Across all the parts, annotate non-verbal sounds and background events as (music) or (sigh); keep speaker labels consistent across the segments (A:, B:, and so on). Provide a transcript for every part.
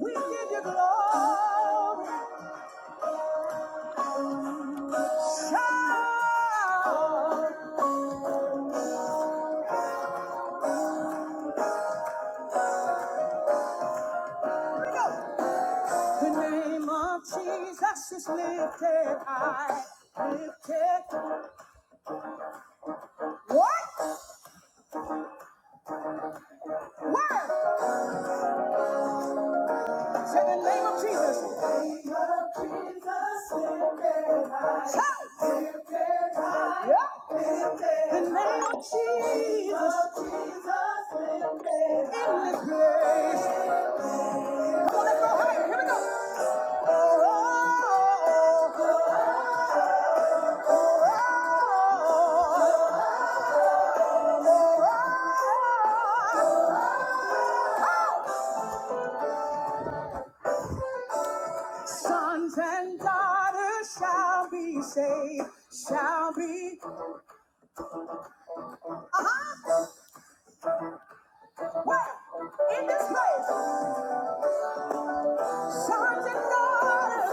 A: We give you glory. Shout. The name of Jesus is lifted high. Lifted. high. What? Where? Say the name of Jesus. The name of Jesus lifted high. Shout. Lifted high. Yeah. Lifted The name of high. Jesus. Of Jesus Jesus lifted In this place. Oh. Sons and daughters shall be saved, shall be. Uh-huh. Where? In this place. Sons and daughters.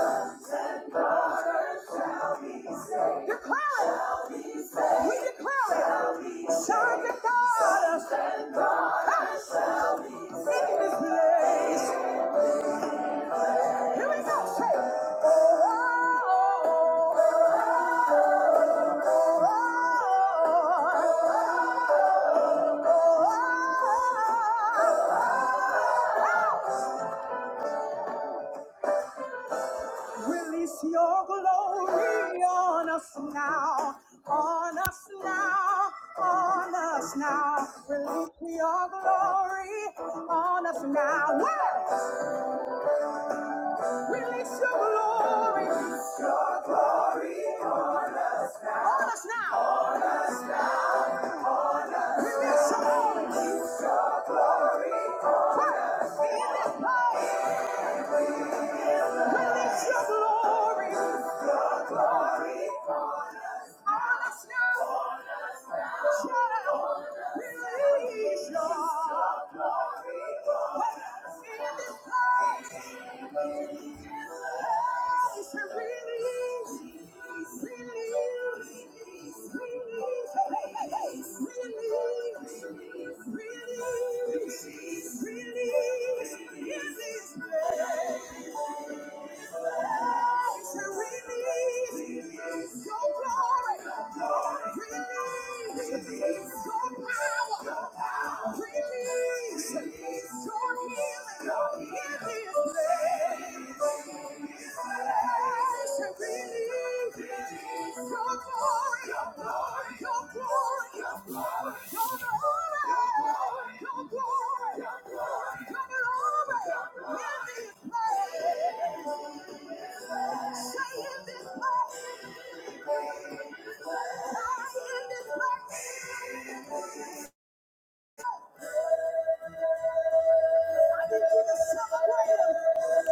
A: Daughters shall be saved. Declare it. Shall be saved. We declare it. Shall be saved. Sons and daughters. Sons and daughters. Release your glory on us now, on us now, on us now. Release your glory on us now. Where? Release your glory on us now. Fire In this place. Release your glory. Your glory on us. On us now. On us now. Shout out. Release your Your glory on us. In this place. In this place. Say, Release. Release. Release. Hey, hey, hey. Release. Release. Release. In this place. Release your glory. Release your power. Release your healing in this place. I need you to celebrate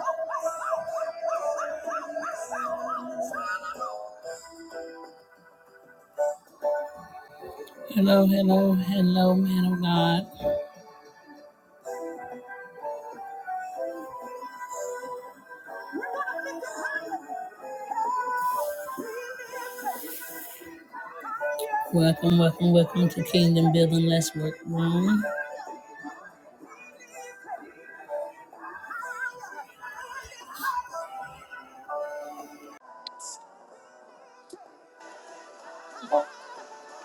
A: Oh, oh, oh, oh, oh, oh, oh, oh, oh. Hello, hello, hello, man of God. Welcome, welcome, welcome to Kingdom Building Let's Work Room.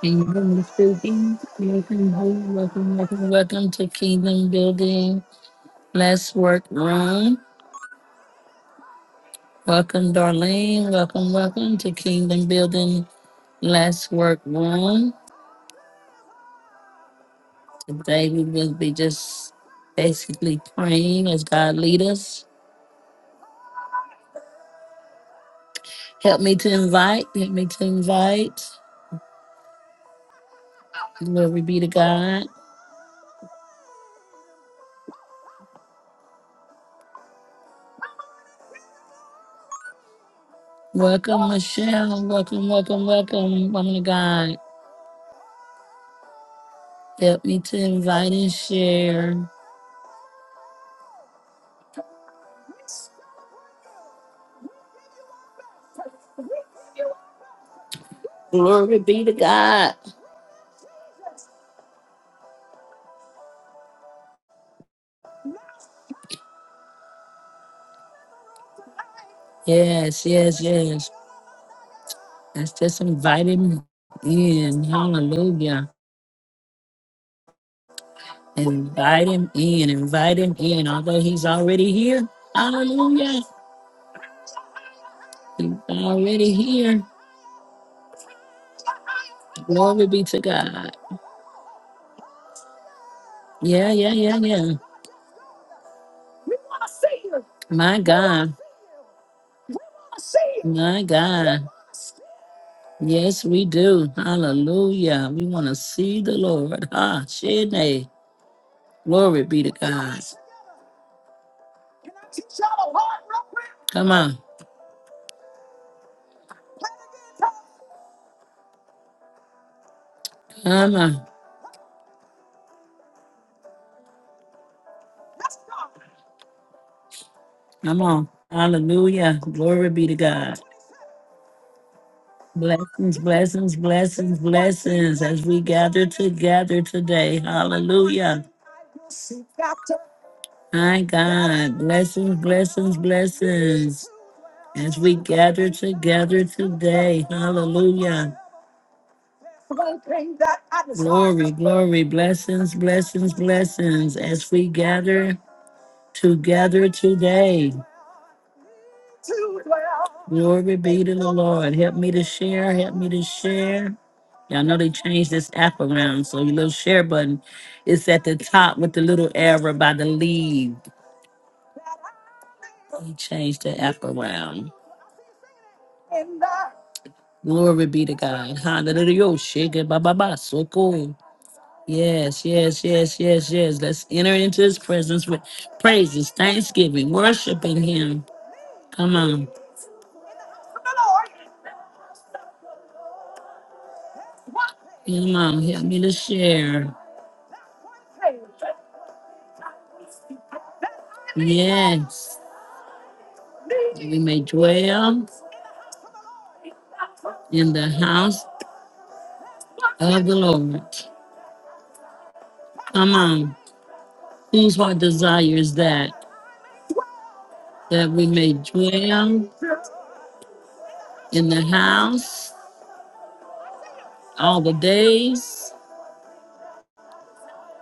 A: Kingdom Building, welcome welcome, welcome, welcome to Kingdom Building Let's work room. Welcome, Darlene. Welcome, welcome to Kingdom Building. Let's work room. Today we will be just basically praying as God lead us. Help me to invite. Help me to invite. Glory be to God. Welcome, Michelle. Welcome, welcome, welcome, woman of God. Help me to invite and share. Glory be to God. Yes, yes, yes. Let's just invite him in. Hallelujah. Invite him in. Invite him in. Although he's already here. Hallelujah. He's already here. Glory be to God. Yeah, yeah, yeah, yeah. My God. My God. Yes, we do. Hallelujah. We want to see the Lord. Ah, Shene. Glory be to God. Come on. Come on. Come on. Hallelujah. Glory be to God. Blessings, blessings, blessings, blessings as we gather together today. Hallelujah. My God. Blessings, blessings, blessings as we gather together today. Hallelujah. Glory, glory, blessings, blessings, blessings as we gather together today. Glory be to the Lord. Help me to share. Help me to share. Y'all know they changed this app around, so your little share button is at the top with the little arrow by the lead. He changed the app around. Glory be to God. Hallelujah. Oh, Shake it, ba, ba, ba. So cool. Yes, yes, yes, yes, yes. Let's enter into his presence with praises, thanksgiving, worshiping him. Come on. Imam, help me to share. Yes, we may dwell in the house of the Lord. Come on, whose heart desires that? That we may dwell in the house all the days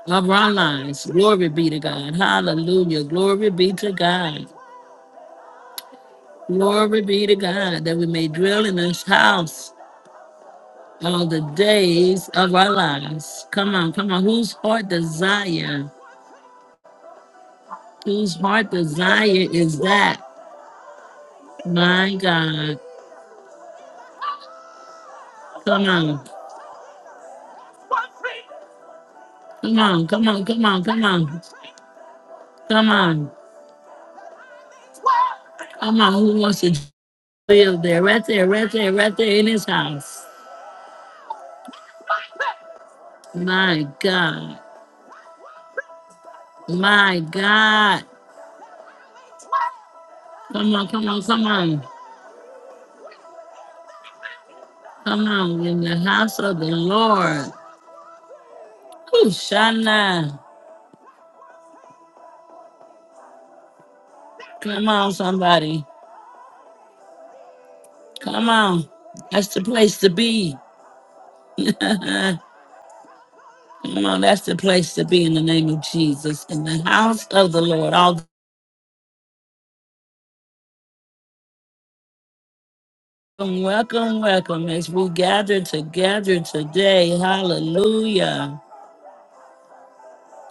A: of our lives. Glory be to God. Hallelujah. Glory be to God. Glory be to God that we may dwell in His house all the days of our lives. Come on, come on. Whose heart desire? Whose heart desire is that? My God. Come on. Come on. Come on. Come on. Come on. Come on. Come on. Who wants to live there? Right there, right there, right there in his house. My God. My God. Come on, come on, come on. Come on. In the house of the Lord. Who shall Come on, somebody. Come on. That's the place to be. (laughs) Come on. That's the place to be in the name of Jesus. In the house of the Lord. All welcome, welcome, welcome as we gather together today. Hallelujah.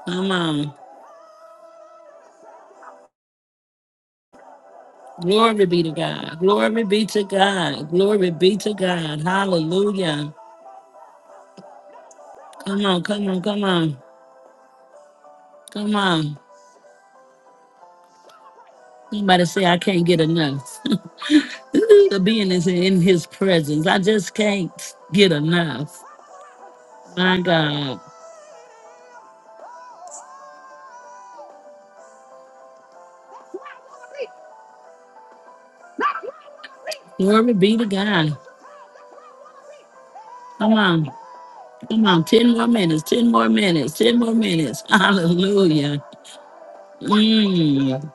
A: Come on. Glory be to God. Glory be to God. Glory be to God. Hallelujah. Come on, come on, come on. Come on. Somebody say, I can't get enough. (laughs) Ooh, to be in his presence. I just can't get enough. My God. Glory be to God. Come on. Come on. 10 more minutes. 10 more minutes. 10 more minutes. (laughs) Hallelujah. Mm.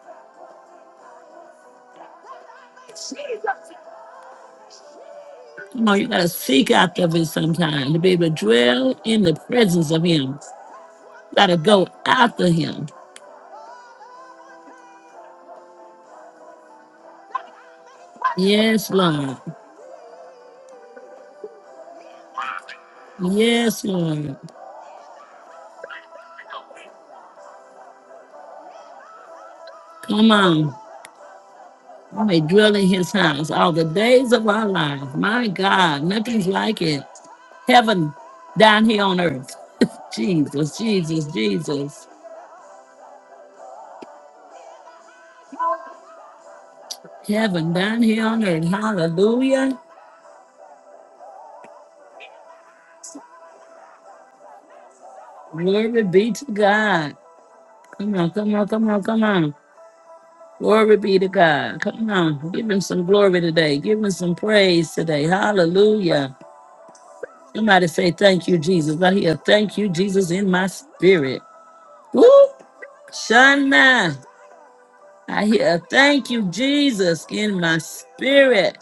A: Come on. You got to seek after Him sometime to be able to dwell in the presence of Him. got to go after Him. Yes, Lord. Yes, Lord. Come on. We may dwell in his house all the days of our lives. My God, nothing's like it. Heaven down here on earth. (laughs) Jesus, Jesus, Jesus. Heaven down here on earth. Hallelujah. Glory be to God. Come on, come on, come on, come on. Glory be to God. Come on. Give him some glory today. Give him some praise today. Hallelujah. Somebody say, Thank you, Jesus. I hear, Thank you, Jesus, in my spirit. Woo! Shana. I hear a thank you, Jesus, in my spirit.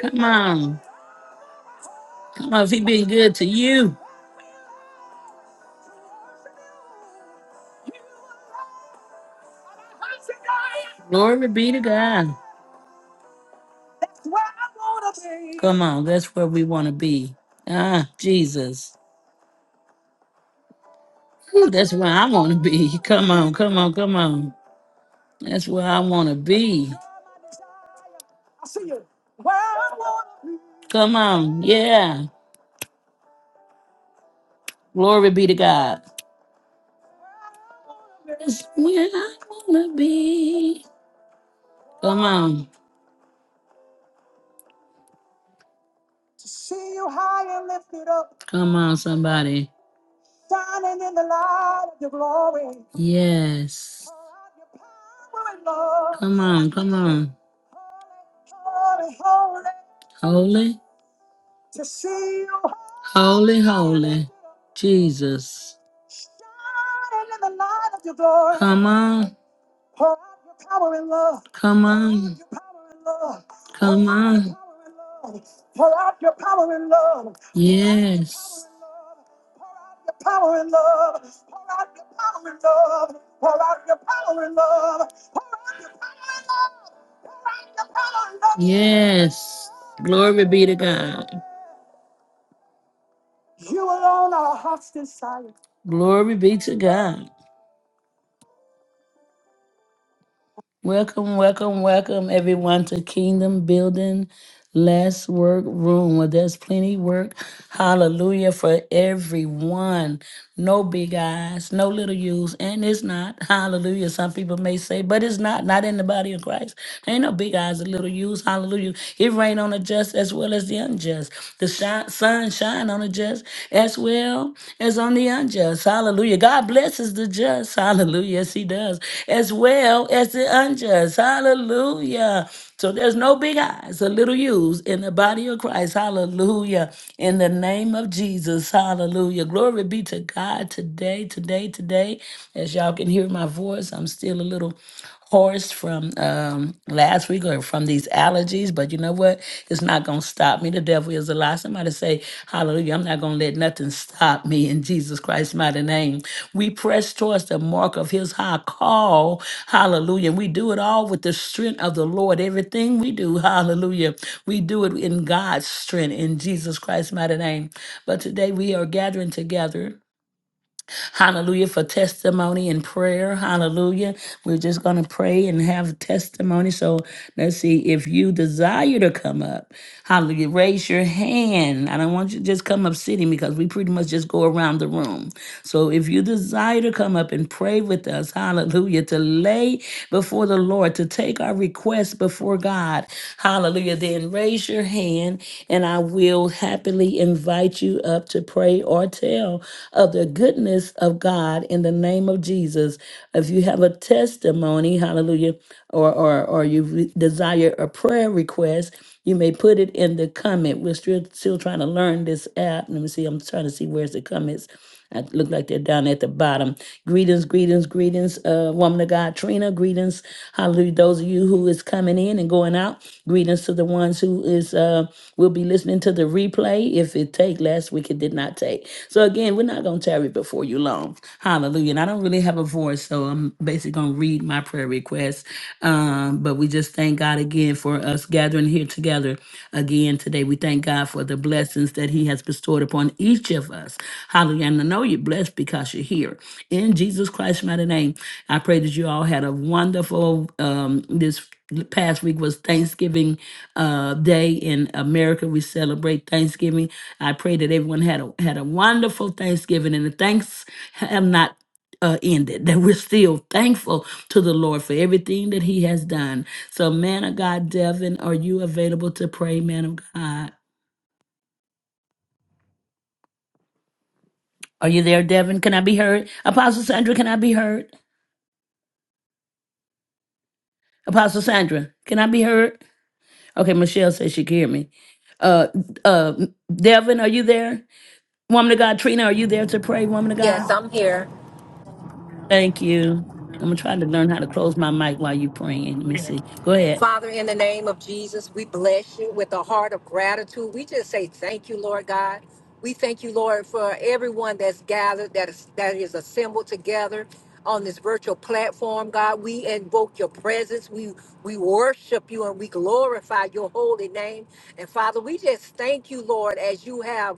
A: Come on. Come on, if he been good to you, glory be to God. Come on, that's where we want to be. Ah, Jesus. Whew, that's where I want to be. Come on, come on, come on. That's where I want to be. Come on, yeah. Glory be to God. That's where I want to be. Come on. Come on, somebody. shining in the light of your glory. Yes. Pour out your power and love. Come on, come on. Holy, holy, Holy, to see you holy, holy. Jesus. shining in the light of your glory. Come on, Pour out your power and love. come on, your power and love. come on. Pour out your power and love. Yes. Yes. Glory be to God. Glory be to God. Welcome, welcome, welcome everyone to Kingdom Building Less Work Room where there's plenty work. Hallelujah for everyone. No big eyes, no little U's, and it's not. Hallelujah. Some people may say, but it's not, not in the body of Christ. There Ain't no big eyes and little U's. Hallelujah. It rain on the just as well as the unjust. The shi- sun shine on the just as well as on the unjust. Hallelujah. God blesses the just. Hallelujah. Yes, He does. As well as the unjust. Hallelujah. So there's no big eyes or little U's in the body of Christ. Hallelujah. In the name of Jesus. Hallelujah. Glory be to God today, today, today. As y'all can hear my voice, I'm still a little hoarse from um, last week or from these allergies, but you know what? It's not going to stop me. The devil is a lie. Somebody say, Hallelujah. I'm not going to let nothing stop me in Jesus Christ's mighty name. We press towards the mark of his high call. Hallelujah. We do it all with the strength of the Lord. Everything we do, hallelujah, we do it in God's strength in Jesus Christ's mighty name. But today we are gathering together. Hallelujah for testimony and prayer. Hallelujah. We're just going to pray and have testimony. So let's see if you desire to come up. Hallelujah. Raise your hand. I don't want you to just come up sitting because we pretty much just go around the room. So if you desire to come up and pray with us, hallelujah, to lay before the Lord, to take our requests before God. Hallelujah. Hallelujah. Then raise your hand and I will happily invite you up to pray or tell of the goodness of God in the name of Jesus. If you have a testimony, hallelujah, or or, or you re- desire a prayer request, you may put it in the comment. We're still still trying to learn this app. Let me see. I'm trying to see where's the comments. I look like they're down at the bottom. Greetings, greetings, greetings, uh, woman of God, Trina. Greetings, hallelujah. Those of you who is coming in and going out. Greetings to the ones who is uh will be listening to the replay. If it take last week, it did not take. So again, we're not gonna tarry before you long. Hallelujah. And I don't really have a voice, so I'm basically gonna read my prayer request. Um, but we just thank God again for us us gathering here together again today. We thank God for the blessings that He has bestowed upon each of us. Hallelujah. And I know you're blessed because you're here. In Jesus Christ's mighty name, I pray that you all had a wonderful, um, this past week was Thanksgiving uh, Day in America. We celebrate Thanksgiving. I pray that everyone had a, had a wonderful Thanksgiving and the thanks have not uh, ended, that we're still thankful to the Lord for everything that He has done. So, man of God, Devin, are you available to pray, man of God? Are you there, Devin? Can I be heard? Apostle Sandra, can I be heard? Apostle Sandra, can I be heard? Okay, Michelle says she can hear me. Uh, uh, Devin, are you there? Woman of God, Trina, are you there to pray, woman of
B: Yes,
A: God?
B: I'm here.
A: Thank you. I'm trying to learn how to close my mic while you're praying. Let me see. Go ahead.
B: Father, in the name of Jesus, we bless you with a heart of gratitude. We just say thank you, Lord God. We thank you, Lord, for everyone that's gathered, that is, that is assembled together on this virtual platform, God. We invoke your presence. We we worship you and we glorify your holy name. And Father, we just thank you, Lord, as you have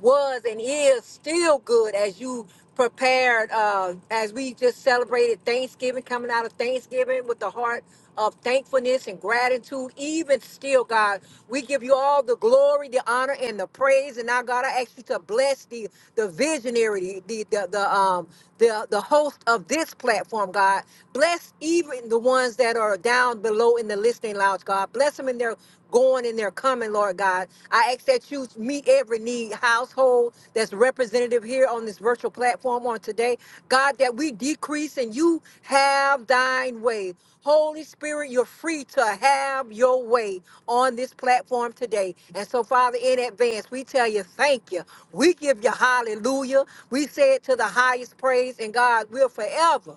B: was and is still good as you prepared uh as we just celebrated Thanksgiving coming out of Thanksgiving with the heart of thankfulness and gratitude even still God we give you all the glory the honor and the praise and now God I ask you to bless the the visionary the the, the um the the host of this platform God bless even the ones that are down below in the listening lounge God bless them in their going and they're coming, Lord God. I ask that you meet every need household that's representative here on this virtual platform on today. God, that we decrease and you have thine way. Holy Spirit, you're free to have your way on this platform today. And so, Father, in advance, we tell you thank you. We give you hallelujah. We say it to the highest praise, and God, we'll forever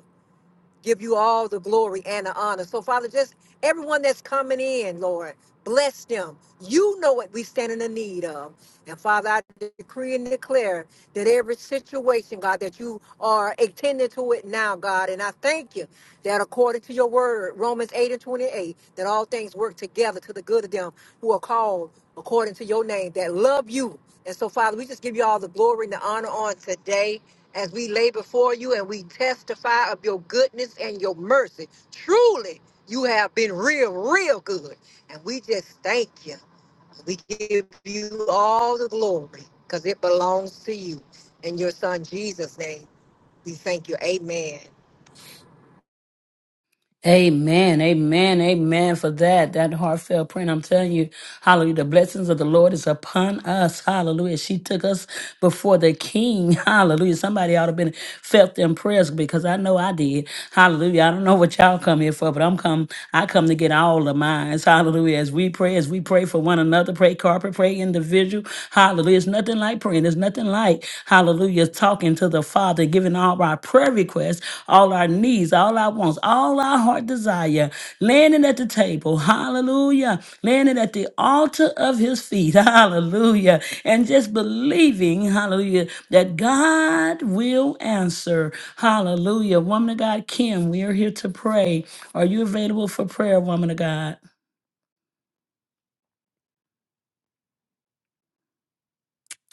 B: give you all the glory and the honor. So, Father, just everyone that's coming in, Lord, bless them. You know what we stand in the need of. And Father, I decree and declare that every situation, God, that you are attending to it now, God. And I thank you that according to your word, Romans 8 and 28, that all things work together to the good of them who are called according to your name, that love you. And so, Father, we just give you all the glory and the honor on today as we lay before you and we testify of your goodness and your mercy. Truly, you have been real, real good. And we just thank you. We give you all the glory because it belongs to you. In your son Jesus' name, we thank you. Amen.
A: Amen, amen, amen for that, that heartfelt prayer. And I'm telling you, hallelujah, the blessings of the Lord is upon us. Hallelujah. She took us before the king. (laughs) Hallelujah. Somebody ought to been felt them prayers because I know I did. Hallelujah. I don't know what y'all come here for, but I'm come, I come to get all of mine. Hallelujah. As we pray, as we pray for one another, pray corporate, pray individual. Hallelujah. It's nothing like praying. There's nothing like night, hallelujah, talking to the Father, giving all our prayer requests, all our needs, all our wants, all our heart desire, landing at the table, hallelujah, landing at the altar of his feet, (laughs) hallelujah, and just believing, hallelujah, that God will answer, hallelujah. Woman of God, Kim, we are here to pray. Are you available for prayer, woman of God?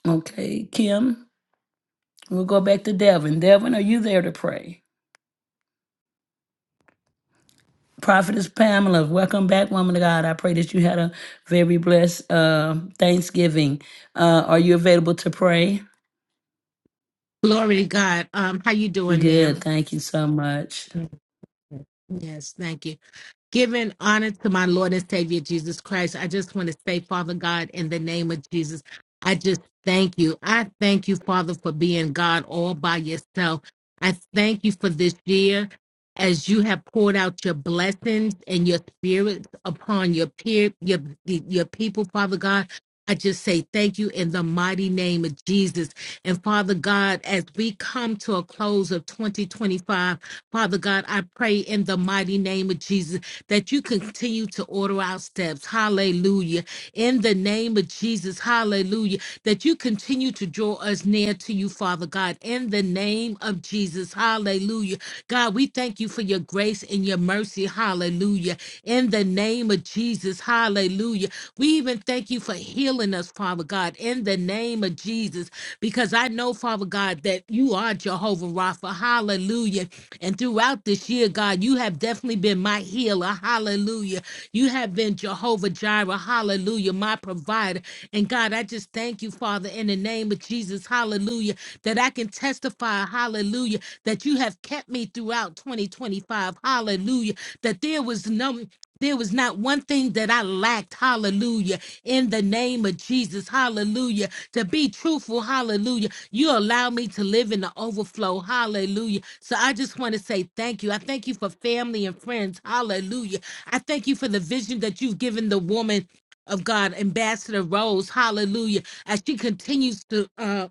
A: Okay, Kim, we'll go back to Devin. Devin, are you there to pray? Prophetess Pamela, welcome back, woman of God. I pray that you had a very blessed uh, Thanksgiving. Uh, are you available to pray?
C: Glory to God. Um, how you doing,
A: Good.
C: ma'am?
A: Thank you so much.
C: Yes, thank you. Giving honor to my Lord and Savior Jesus Christ, I just want to say, Father God, in the name of Jesus, I just thank you. I thank you, Father, for being God all by yourself. I thank you for this year as you have poured out your blessings and your spirit upon your peer, your, your people, Father God. I just say thank you in the mighty name of Jesus. And Father God, as we come to a close of 2025, Father God, I pray in the mighty name of Jesus that you continue to order our steps. Hallelujah. In the name of Jesus, hallelujah. That you continue to draw us near to you, Father God. In the name of Jesus, hallelujah. God, we thank you for your grace and your mercy, hallelujah. In the name of Jesus, hallelujah. We even thank you for healing us, Father God, in the name of Jesus, because I know, Father God, that you are Jehovah Rapha. Hallelujah. And throughout this year, God, you have definitely been my healer. Hallelujah. You have been Jehovah Jireh. Hallelujah. My provider. And God, I just thank you, Father, in the name of Jesus. Hallelujah. That I can testify. Hallelujah. That you have kept me throughout 2025. Hallelujah. That there was no there was not one thing that I lacked. Hallelujah. In the name of Jesus. Hallelujah. To be truthful. Hallelujah. You allow me to live in the overflow. Hallelujah. So I just want to say thank you. I thank you for family and friends. Hallelujah. I thank you for the vision that you've given the woman of God, Ambassador Rose. Hallelujah. As she continues to uh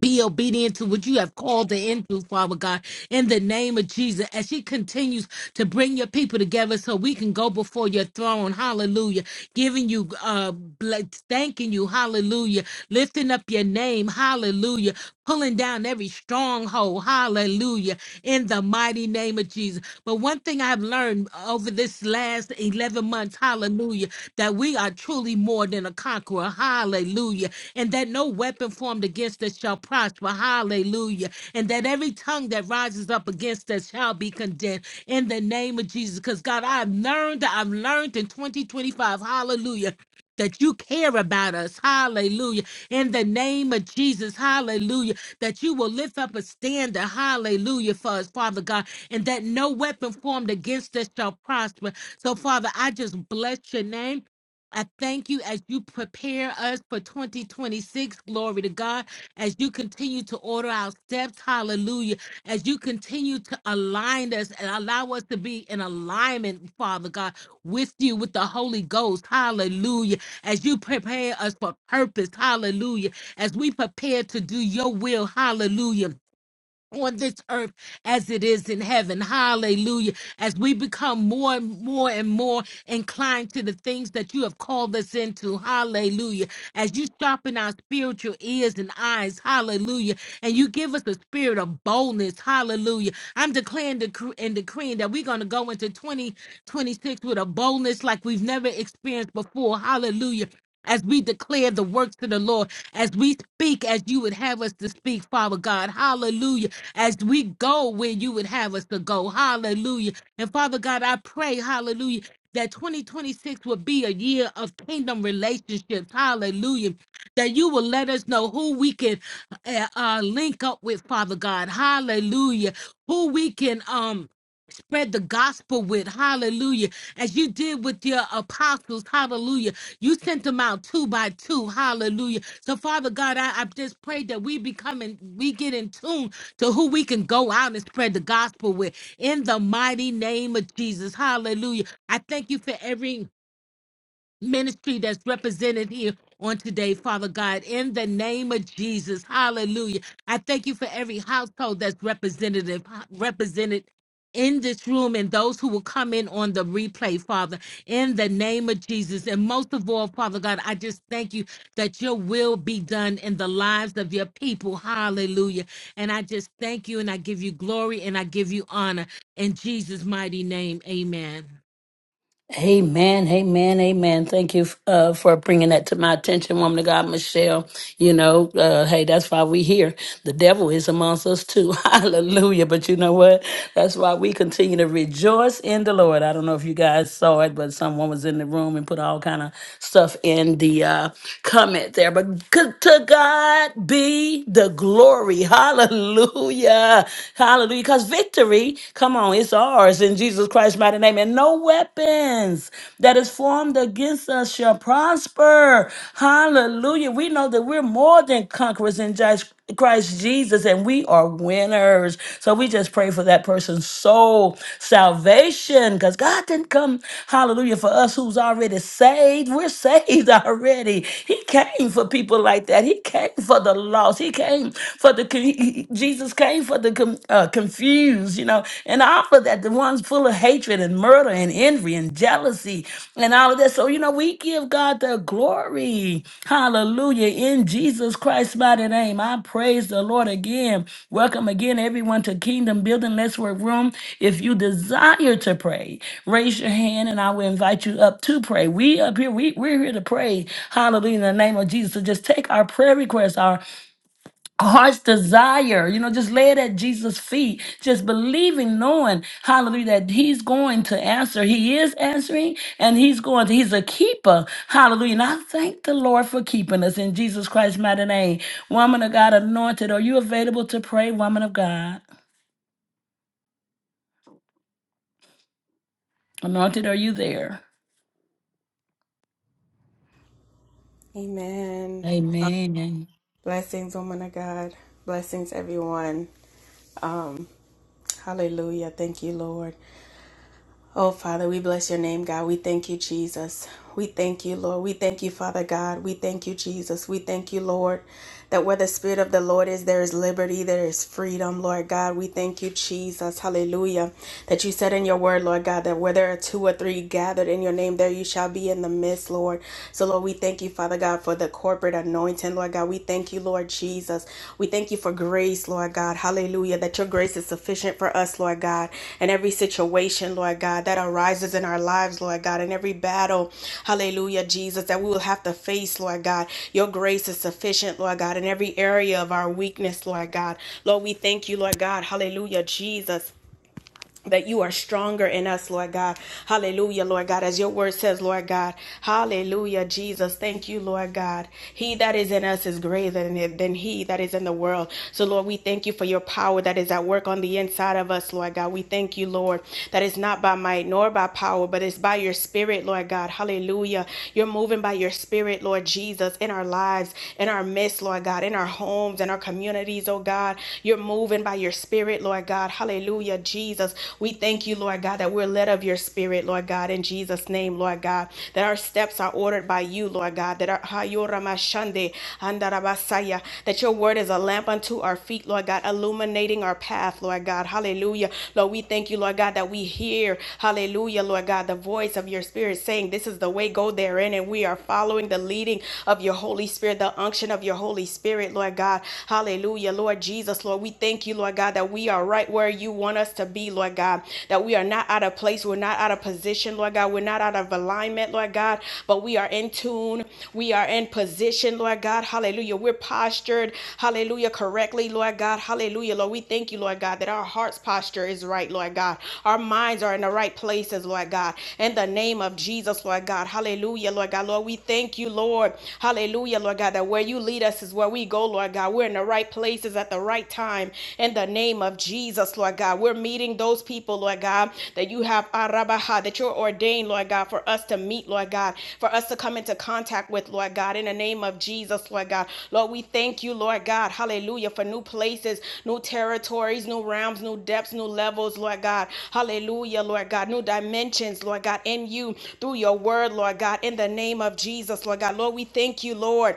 C: be obedient to what you have called her into, Father God, in the name of Jesus. As she continues to bring your people together so we can go before your throne, hallelujah. Giving you, uh, bl- thanking you, hallelujah. Lifting up your name, hallelujah pulling down every stronghold. Hallelujah. In the mighty name of Jesus. But one thing I've learned over this last 11 months, hallelujah, that we are truly more than a conqueror. Hallelujah. And that no weapon formed against us shall prosper. Hallelujah. And that every tongue that rises up against us shall be condemned in the name of Jesus. Because God, I've learned, I've learned in 2025, hallelujah that you care about us. Hallelujah. In the name of Jesus. Hallelujah. That you will lift up a standard. Hallelujah for us, Father God. And that no weapon formed against us shall prosper. So, Father, I just bless your name. I thank you as you prepare us for 2026. Glory to God. As you continue to order our steps. Hallelujah as you continue to align us and allow us to be in alignment, Father God, with you, with the Holy Ghost. Hallelujah. As you prepare us for purpose. Hallelujah. As we prepare to do your will. Hallelujah on this earth as it is in heaven. Hallelujah. As we become more and more and more inclined to the things that you have called us into. Hallelujah. As you sharpen our spiritual ears and eyes. Hallelujah. And you give us a spirit of boldness. Hallelujah. I'm declaring decre- and decreeing that we're going to go into 2026 with a boldness like we've never experienced before. Hallelujah as we declare the works of the Lord, as we speak as you would have us to speak, Father God. Hallelujah. As we go where you would have us to go. Hallelujah. And Father God, I pray, hallelujah, that 2026 will be a year of kingdom relationships. Hallelujah. That you will let us know who we can uh, uh, link up with, Father God. Hallelujah. Who we can, um, spread the gospel with. Hallelujah as you did with your apostles. Hallelujah. You sent them out two by two. Hallelujah. So, Father God, I, I just pray that we become and we get in tune to who we can go out and spread the gospel with in the mighty name of Jesus. Hallelujah. I thank you for every ministry that's represented here on today, Father God, in the name of Jesus. Hallelujah. I thank you for every household that's representative represented in this room and those who will come in on the replay, Father, in the name of Jesus. And most of all, Father God, I just thank you that your will be done in the lives of your people. Hallelujah. And I just thank you and I give you glory and I give you honor in Jesus' mighty name. Amen.
A: Amen, amen, amen. Thank you uh, for bringing that to my attention, woman of God, Michelle. You know, uh, hey, that's why we here. The devil is amongst us too. (laughs) Hallelujah. But you know what? That's why we continue to rejoice in the Lord. I don't know if you guys saw it, but someone was in the room and put all kind of stuff in the uh, comment there. But good to God be the glory. Hallelujah. Hallelujah. Because victory, come on, it's ours in Jesus Christ's mighty name. And no weapons that is formed against us shall prosper. Hallelujah. We know that we're more than conquerors in Jesus- Christ Jesus and we are winners. So we just pray for that person's soul salvation because God didn't come, hallelujah, for us who's already saved. We're saved (laughs) already. He came for people like that. He came for the lost. He came for the, he- he- Jesus came pray for the com- uh, confused, you know, and all of that, the ones full of hatred and murder and envy and jealousy and all of that. So, you know, we give God the glory. Hallelujah. In Jesus Christ's mighty name, I praise the Lord again. Welcome again, everyone, to Kingdom Building Let's Work Room. If you desire to pray, raise your hand and I will invite you up to pray. We up here, we, we're here to pray. Hallelujah. In the name of Jesus. So just take our prayer requests, Our heart's desire, you know, just lay it at Jesus' feet, just believing, knowing, hallelujah, that he's going to answer. He is answering and he's going to, he's a keeper. Hallelujah. And I thank the Lord for keeping us in Jesus Christ's mighty name. Woman of God, anointed, are you available to pray, woman of God? Anointed, are you there?
D: Amen.
A: Amen.
D: Blessings, woman of God. Blessings, everyone. Um, hallelujah. Thank you, Lord. Oh, Father, we bless your name, God. We thank you, Jesus. We thank you, Lord. We thank you, Father God. We thank you, Jesus. We thank you, Lord, that where the Spirit of the Lord is, there is liberty, there is freedom, Lord God. We thank you, Jesus. Hallelujah. That you said in your word, Lord God, that where there are two or three gathered in your name, there you shall be in the midst, Lord. So, Lord, we thank you, Father God, for the corporate anointing anointing, Lord God. We thank you, Lord Jesus. We thank you for grace, Lord God. Hallelujah. That your grace is sufficient for us, Lord God, in every situation, Lord God, that arises in our lives, Lord God, in every battle, hallelujah, Jesus, that we will have to face, Lord God. Your grace is sufficient, Lord God, in every area of our weakness, Lord God. Lord, we thank you, Lord God. Hallelujah, Jesus that you are stronger in us, Lord God. Hallelujah, Lord God. As your word says, Lord God. Hallelujah, Jesus. Thank you, Lord God. He that is in us is greater than, than he that is in the world. So, Lord, we thank you for your power that is at work on the inside of us, Lord God. We thank you, Lord, that it's not by might nor by power, but it's by your spirit, Lord God. Hallelujah. You're moving by your spirit, Lord Jesus, in our lives, in our midst, Lord God, in our homes, in our communities, oh God. You're moving by your spirit, Lord Lord God. Hallelujah, Jesus. We thank you, Lord God, that we're led of your spirit, Lord God, in Jesus' name, Lord God, that our steps are ordered by you, Lord God, that our that your word is a lamp unto our feet, Lord God, illuminating our path, Lord God. Hallelujah. Lord, we thank you, Lord God, that we hear, hallelujah, Lord God, the voice of your spirit saying, This is the way, go therein, and we are following the leading of your Holy Spirit, the unction of your Holy Spirit, Lord God. Hallelujah, Lord Jesus. Jesus, Lord. We thank you, Lord God, that we are right where you want us to be, Lord God, that we are not out of place, we're not out of position, Lord God, we're not out of alignment, Lord God, but we are in tune, we are in position, Lord God, hallelujah. We're postured, hallelujah, correctly, Lord God, hallelujah, Lord. We thank you, Lord God, that our heart's posture is right, Lord God, our minds are in the right places, Lord God, in the name of Jesus, Lord God, hallelujah, Lord God, Lord. We thank you, Lord, hallelujah, Lord God, that where you lead us is where we go, Lord. Lord God. We're in the right places at the right time in the name of Jesus, Lord God. We're meeting those people, Lord God, that you have arabaha, that you're ordained, Lord God, for us to meet, Lord God, for us to come into contact with, Lord God, in the name of Jesus, Lord God. Lord, we thank you, Lord God, hallelujah, for new places, new territories, new realms, new depths, new levels, Lord God. Hallelujah, Lord God, new dimensions, Lord God, in you, through your word, Lord God, in the name of Jesus, Lord God. Lord, we thank you, Lord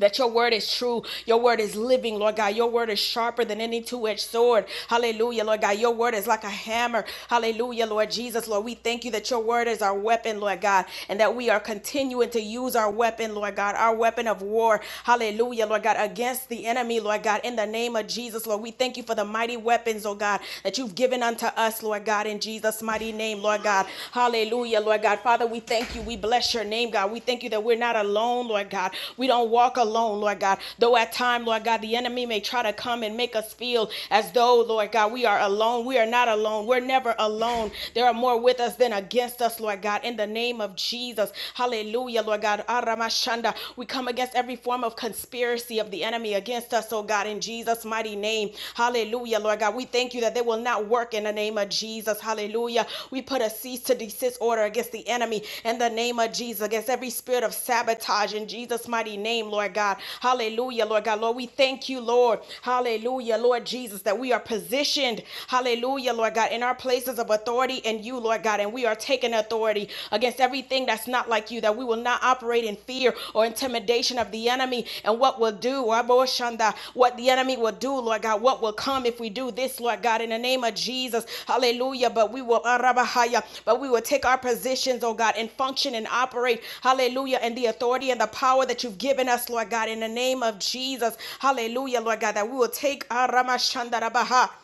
D: that your word is true. Your word is living, Lord God. Your word is sharper than any two edged sword. Hallelujah, Lord God. Your word is like a hammer. Hallelujah, Lord Jesus. Lord, we thank you that your word is our weapon, Lord God, and that we are continuing to use our weapon, Lord God, our weapon of war. Hallelujah, Lord God, against the enemy, Lord God, in the name of Jesus, Lord. We thank you for the mighty weapons, oh God, that you've given unto us, Lord God, in Jesus' mighty name, Lord Lord God. Hallelujah, Lord God. Father, we thank you. We bless your name, God. We thank you that we're not alone, Lord God. We don't walk alone, Lord God. Though at time, Lord God, the enemy may try to come and make us feel as though, Lord God, we are alone. We are not alone. We're never alone. There are more with us than against us, Lord God. In the name of Jesus. Hallelujah, Lord God. Aramashanda. We come against every form of conspiracy of the enemy against us, oh God. God, in Jesus' mighty name. Hallelujah, Lord God. We thank you that they will not work in the name of Jesus. Hallelujah. We put a cease to desist order against the enemy in the name of Jesus, against every spirit of sabotage in Jesus' mighty name, Lord God. Hallelujah, Lord God. Lord, we thank you, Lord. Hallelujah, Lord Jesus, that we are positioned. Hallelujah, Lord God, in our places of authority in you, Lord God, and we are taking authority against everything that that's not like you, that we will not operate in fear or intimidation of the enemy and what will do, Aboshanda? what the enemy will do, Lord God, what will come if we do this, Lord God, in the name of Jesus. Hallelujah. But we will, Arabahaya, but we will take our positions, oh God, and function and operate, hallelujah, in the authority and the power that you've given us, Lord God, in the name of Jesus. Hallelujah, Lord God, that we will take, Aramashanda Rabaha.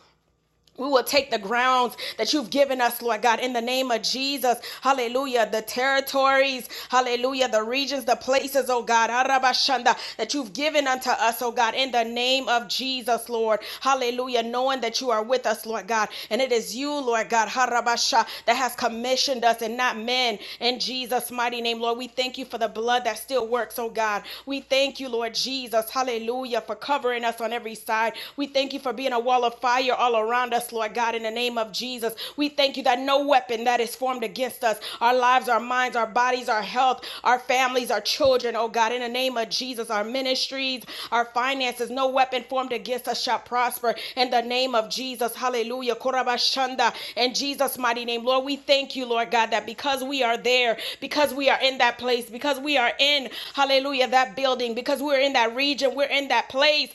D: We will take the grounds that you've given us, Lord God, in the name of Jesus. Hallelujah. The territories, hallelujah. The regions, the places, oh God, Arabashanda, that you've given unto us, oh God, in the name of Jesus, Lord. Hallelujah. Knowing that you are with us, Lord God. And it is you, Lord God, Harabasha, that has commissioned us and not men. In Jesus' mighty name, Lord, we thank you for the blood that still works, oh God. We thank you, Lord Jesus. Hallelujah. For covering us on every side. We we thank you for being a wall of fire all around us, Lord God, in the name of Jesus. We thank you that no weapon that is formed against us, our lives, our minds, our bodies, our health, our families, our children, oh God, in the name of Jesus, our ministries, our finances, no weapon formed against us shall prosper in the name of Jesus. Hallelujah. Korabashanda. In Jesus' mighty name, Lord, we thank you, Lord God, that because we are there, because we are in that place, because we are in, hallelujah, that building, because we're in that region, we're in in that place.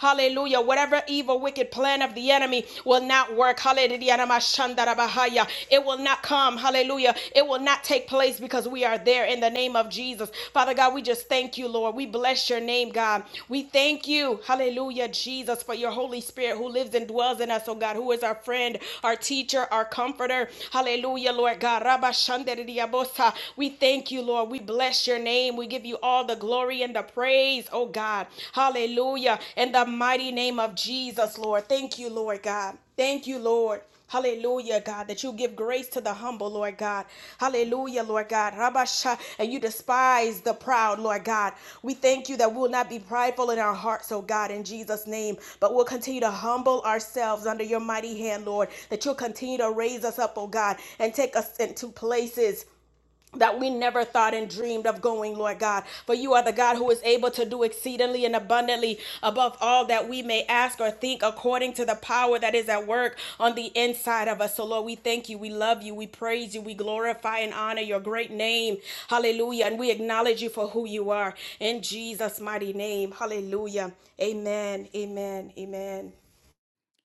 D: Hallelujah. Whatever evil, wicked plan of the enemy will not work. Hallelujah. It will not come. Hallelujah. It will not take place because we are there in the name of Jesus. Father God, we just thank you, Lord. We bless your name, God. We thank you. Hallelujah, Jesus, for your Holy Spirit who lives and dwells in us, oh God, who is our friend, our teacher, our comforter. Hallelujah, Lord God. Rabashandarabahaya. We thank you, Lord. We bless bless your name. We give you all the glory and the praise, oh God. Hallelujah. In the mighty name of Jesus, Lord. Thank you, Lord God. Thank you, Lord. Hallelujah, God, that you give grace to the humble, Lord God. Hallelujah, Lord God. Rabasha, and you despise the proud, Lord God. We thank you that we will not be prideful in our hearts, oh God, in Jesus' name, but we'll continue to humble ourselves under your mighty hand, Lord, that you'll continue to raise us up, oh God, and take us into places that we never thought and dreamed of going, Lord God. For you are the God who is able to do exceedingly and abundantly above all that we may ask or think according to the power that is at work on the inside of us. So, Lord, we thank you. We love you. We praise you. We glorify and honor your great name. Hallelujah. And we acknowledge you for who you are in Jesus' mighty name. Hallelujah. Amen. Amen. Amen.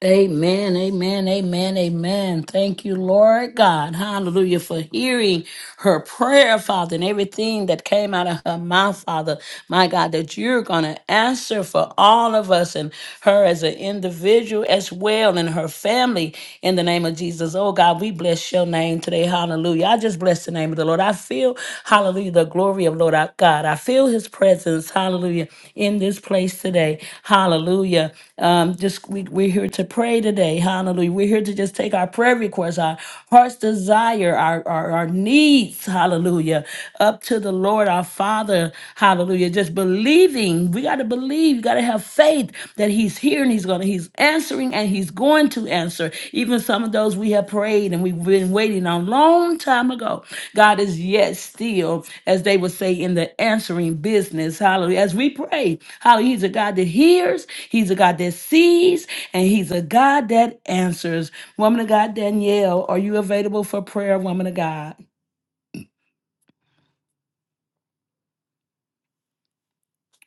A: Amen, amen, amen, amen. Thank you, Lord God. Hallelujah for hearing her prayer, Father, and everything that came out of her mouth, Father my God, that you're going to answer for all of us and her as an individual as well and her family in the name of Jesus. Oh God, we bless your name today. Hallelujah. I just bless the name of the Lord. I feel, hallelujah, the glory of Lord our God. I feel his presence, hallelujah, in this place today. Hallelujah. Um, just we, we're here to pray today. Hallelujah. We're here to just take our prayer requests, our heart's desire, our, our, our needs, hallelujah, up to to the Lord our Father. Hallelujah. Just believing. We got to believe. You got to have faith that He's here and He's going to, He's answering and He's going to answer. Even some of those we have prayed and we've been waiting on long time ago. God is yet still, as they would say, in the answering business. Hallelujah. As we pray, hallelujah. He's a God that hears, He's a God that sees, and He's a God that answers. Woman of God, Danielle, are you available for prayer, woman of God?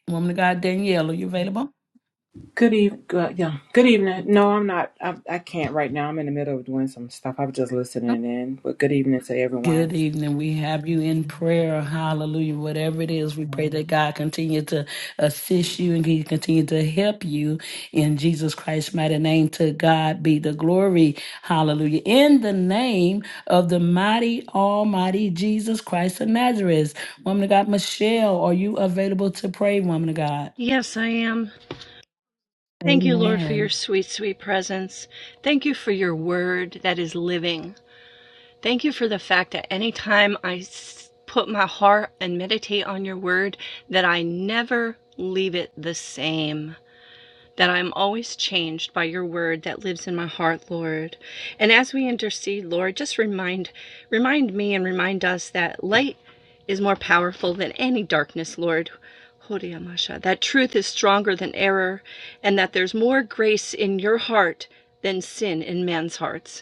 A: Woman of God, Danielle, are you available?
E: Good evening. Good, yeah. Good evening. No, I'm not. I, I can't right now. I'm in the middle of doing some stuff. I was just listening in. But good evening to
A: Good
E: everyone.
A: evening. We have you in prayer. Hallelujah. Whatever it is, we pray that God continue to assist you and He continue to help you in Jesus Christ's mighty name. To God be the glory. Hallelujah. In the name of the mighty, almighty Jesus Christ of Nazareth. Woman of God, Michelle, are you available to pray, woman of God?
F: Yes, I am. Thank you, Lord, for your
A: Amen.
F: sweet, sweet presence. Thank you for your word that is living. Thank you for the fact that anytime I s- put my heart and meditate on your word, that I never leave it the same that I am always changed by your word that lives in my heart, Lord. And as we intercede, Lord, just remind remind me and remind us that light is more powerful than any darkness, Lord. Hodiamasha, That truth is stronger than error, and that there's more grace in your heart than sin in man's hearts.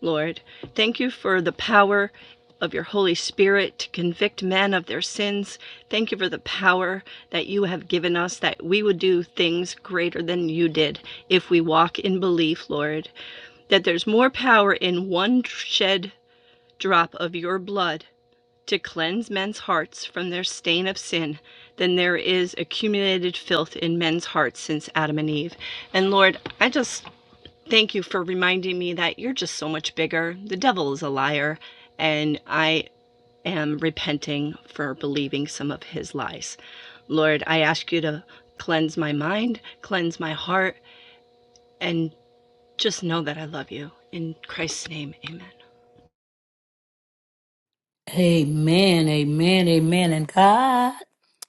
F: Lord, thank you for the power of your Holy Spirit to convict men of their sins. Thank you for the power that you have given us that we would do things greater than you did if we walk in belief, Lord. That there's more power in one shed drop of your blood to cleanse men's hearts from their stain of sin than there is accumulated filth in men's hearts since Adam and Eve. And Lord, I just Thank you for reminding me that you're just so much bigger. The devil is a liar, and I am repenting for believing some of his lies. Lord, I ask you to cleanse my mind, cleanse my heart, and just know that I love you. In Christ's name, amen.
A: Amen. Amen. Amen. And God.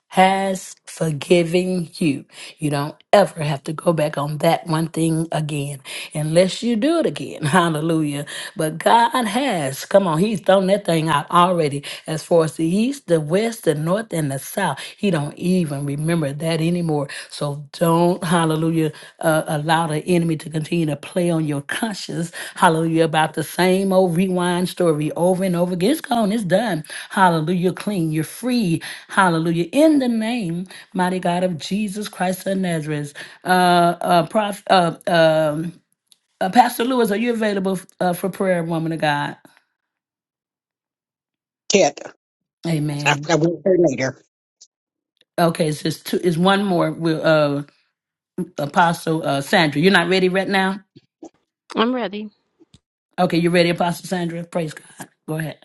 A: has forgiven you. You don't ever have to go back on that one thing again unless you do it again. (laughs) Hallelujah. But God has, come on, He's thrown that thing out already. As far as the east, the west, the north, and the south, He don't even remember that anymore. So don't, hallelujah, uh, allow the enemy to continue to play on your conscience, hallelujah, about the same old rewind story over and over again. It's gone, it's done. Hallelujah, you're clean, you're free. Hallelujah. In the name, mighty God of Jesus Christ of Nazareth, uh, uh, prof, uh, um, uh, Pastor Lewis, are you available uh, for prayer, woman of God? Amen. Okay, so it's just two. It's one more. We'll, uh, Apostle uh, Sandra, you're not ready right now.
G: I'm ready.
A: Okay, you ready, Apostle Sandra? Praise God. Go ahead.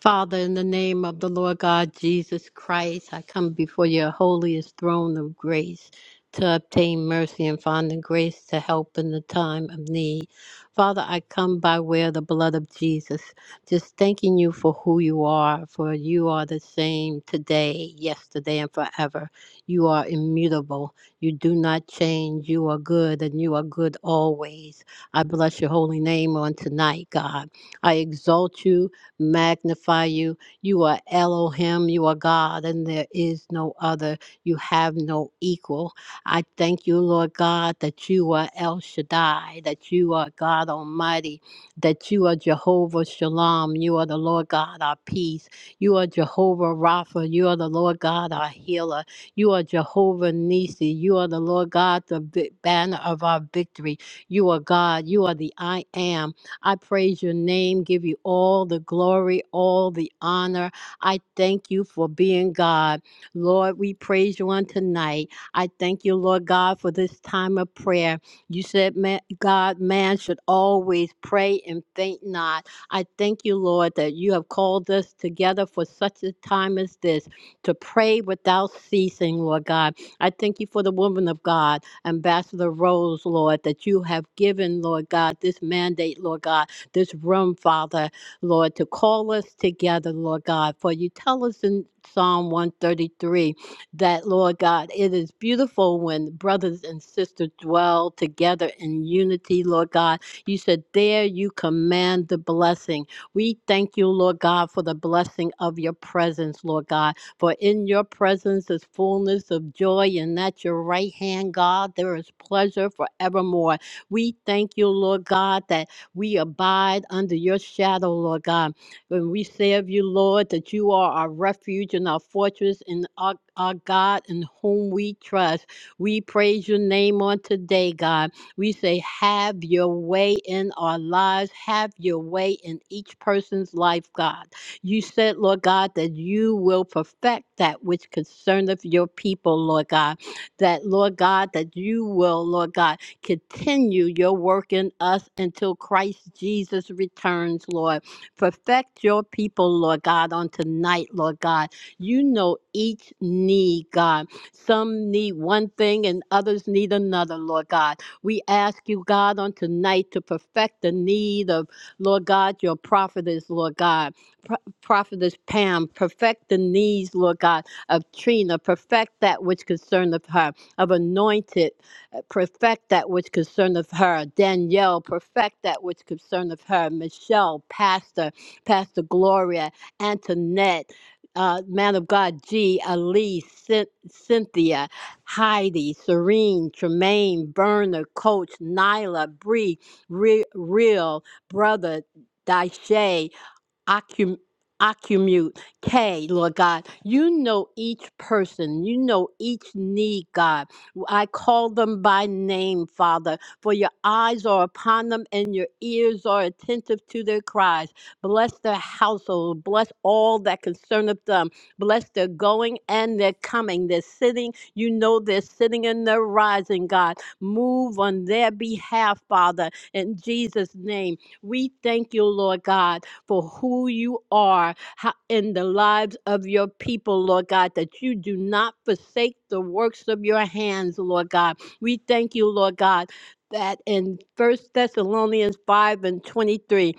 G: Father, in the name of the Lord God Jesus Christ, I come before your holiest throne of grace to obtain mercy and find the grace to help in the time of need. Father, I come by way of the blood of Jesus, just thanking you for who you are, for you are the same today, yesterday, and forever. You are immutable. You do not change. You are good, and you are good always. I bless your holy name on tonight, God. I exalt you. magnify you. You are Elohim, you are God, and there is no other. You have no equal. I thank you, Lord God, that you are El Shaddai, that you are God Almighty, that you are Jehovah Shalom, you are the Lord God, our peace. You are Jehovah Rapha, you are the Lord God, our healer. You are Jehovah Nisi, you are the Lord God, the vi- banner of our victory. You are God, you are the I am. I praise your name, give you all the glory, all the honor. I thank you for being God. Lord, we praise you on tonight. I thank you, Lord God, for this time of prayer. You said, man, God, man should always pray and faint not. I thank you, Lord, that you have called us together for such a time as this to pray without ceasing, Lord God. I thank you for the woman of God. Ambassador Rose, Lord, that you have given, Lord God, this mandate, Lord God, this room, Father, Lord, to call us together, Lord God. For you tell us in Psalm 133 that, Lord God, it is beautiful when brothers and sisters dwell together in unity, Lord God. You said, There you command the blessing. We thank you, Lord God, for the blessing of your presence, Lord God. For in your presence is fullness of joy, and at your right hand, God, there is pleasure forevermore. We thank you, Lord God, that we abide under your shadow, Lord God. When we say of you, Lord, that you are our refuge and our fortress and our, our God in whom we trust. We praise your name on today, God. We say, Have your way in our lives, have your way in each person's life, God. You said, Lord God, that you will perfect that which concerneth your people, Lord God. That, Lord God, that you will, Lord God, continue your work in us until Christ Jesus returns, Lord. Perfect your people, Lord God, on tonight, Lord God. You know each need, God. Some need one thing and others need another, Lord God. We ask you, God, on tonight to perfect the need of, Lord God, your prophetess, Lord God prophetess Pam, perfect the needs, Lord God, of Trina, perfect that which concerneth her, of anointed, uh, perfect that which concerneth her, Danielle, perfect that which concerneth her, Michelle, Pastor, Pastor Gloria, Antoinette, uh, man of God, G, Ali, Cyn- Cynthia, Heidi, Serene, Tremaine, Berner, Coach, Nyla, Bree, Re- Real, Brother, Daisha accum- accumulate. K, Lord God, you know each person, you know each need, God. I call them by name, Father, for your eyes are upon them and your ears are attentive to their cries. Bless their household, bless all that concerneth them, bless their going and their coming, their sitting. You know their sitting and their rising, God. Move on their behalf, Father, in Jesus' name. We thank you, Lord God for who you are in the lives of your people, Lord God, that you do not forsake the works of your hands, Lord God. We thank you, Lord God, that in First Thessalonians 5 and 23,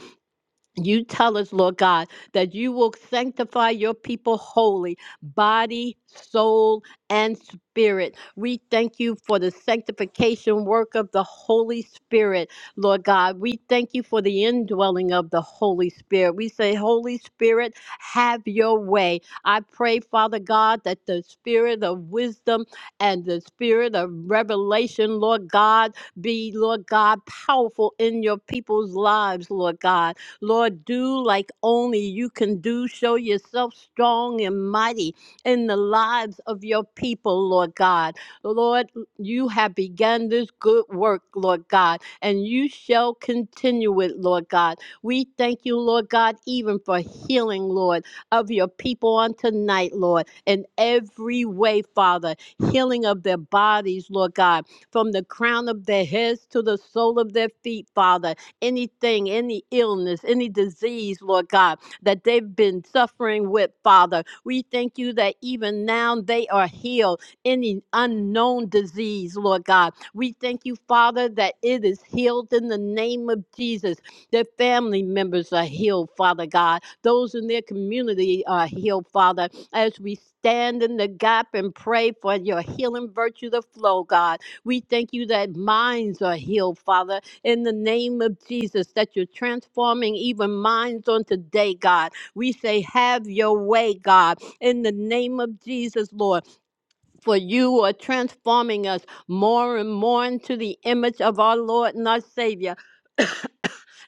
G: you tell us, Lord God, that you will sanctify your people wholly, body, soul, and spirit. We thank you for the sanctification work of the Holy Spirit, Lord God. We thank you for the indwelling of the Holy Spirit. We say, Holy Spirit, have your way. I pray, Father God, that the spirit of wisdom and the spirit of revelation, Lord God, be, Lord God, powerful in your people's lives, Lord God. Lord, do like only you can do. Show yourself strong and mighty in the lives of your people, Lord God. Lord, you have begun this good work, Lord God, and you shall continue it, Lord God. We thank you, Lord God, even for healing, Lord, of your people on tonight, Lord, in every way, Father. Healing of their bodies, Lord God, from the crown of their heads to the sole of their feet, Father anything, any illness, any disease, Lord God, that they've been suffering with, Father. We thank you that even now they are healed. Any unknown disease, Lord God. We thank you, Father, that it is healed in the name of Jesus. Their family members are healed, Father God. Those in their community are healed, Father. As we stand in the gap and pray for your healing virtue to flow, God. We thank you that minds are healed, Father in the name of Jesus that you're transforming even minds on today, God. We say, Have your way, God, in the name of Jesus, Lord, for you are transforming us more and more into the image of our Lord and our Savior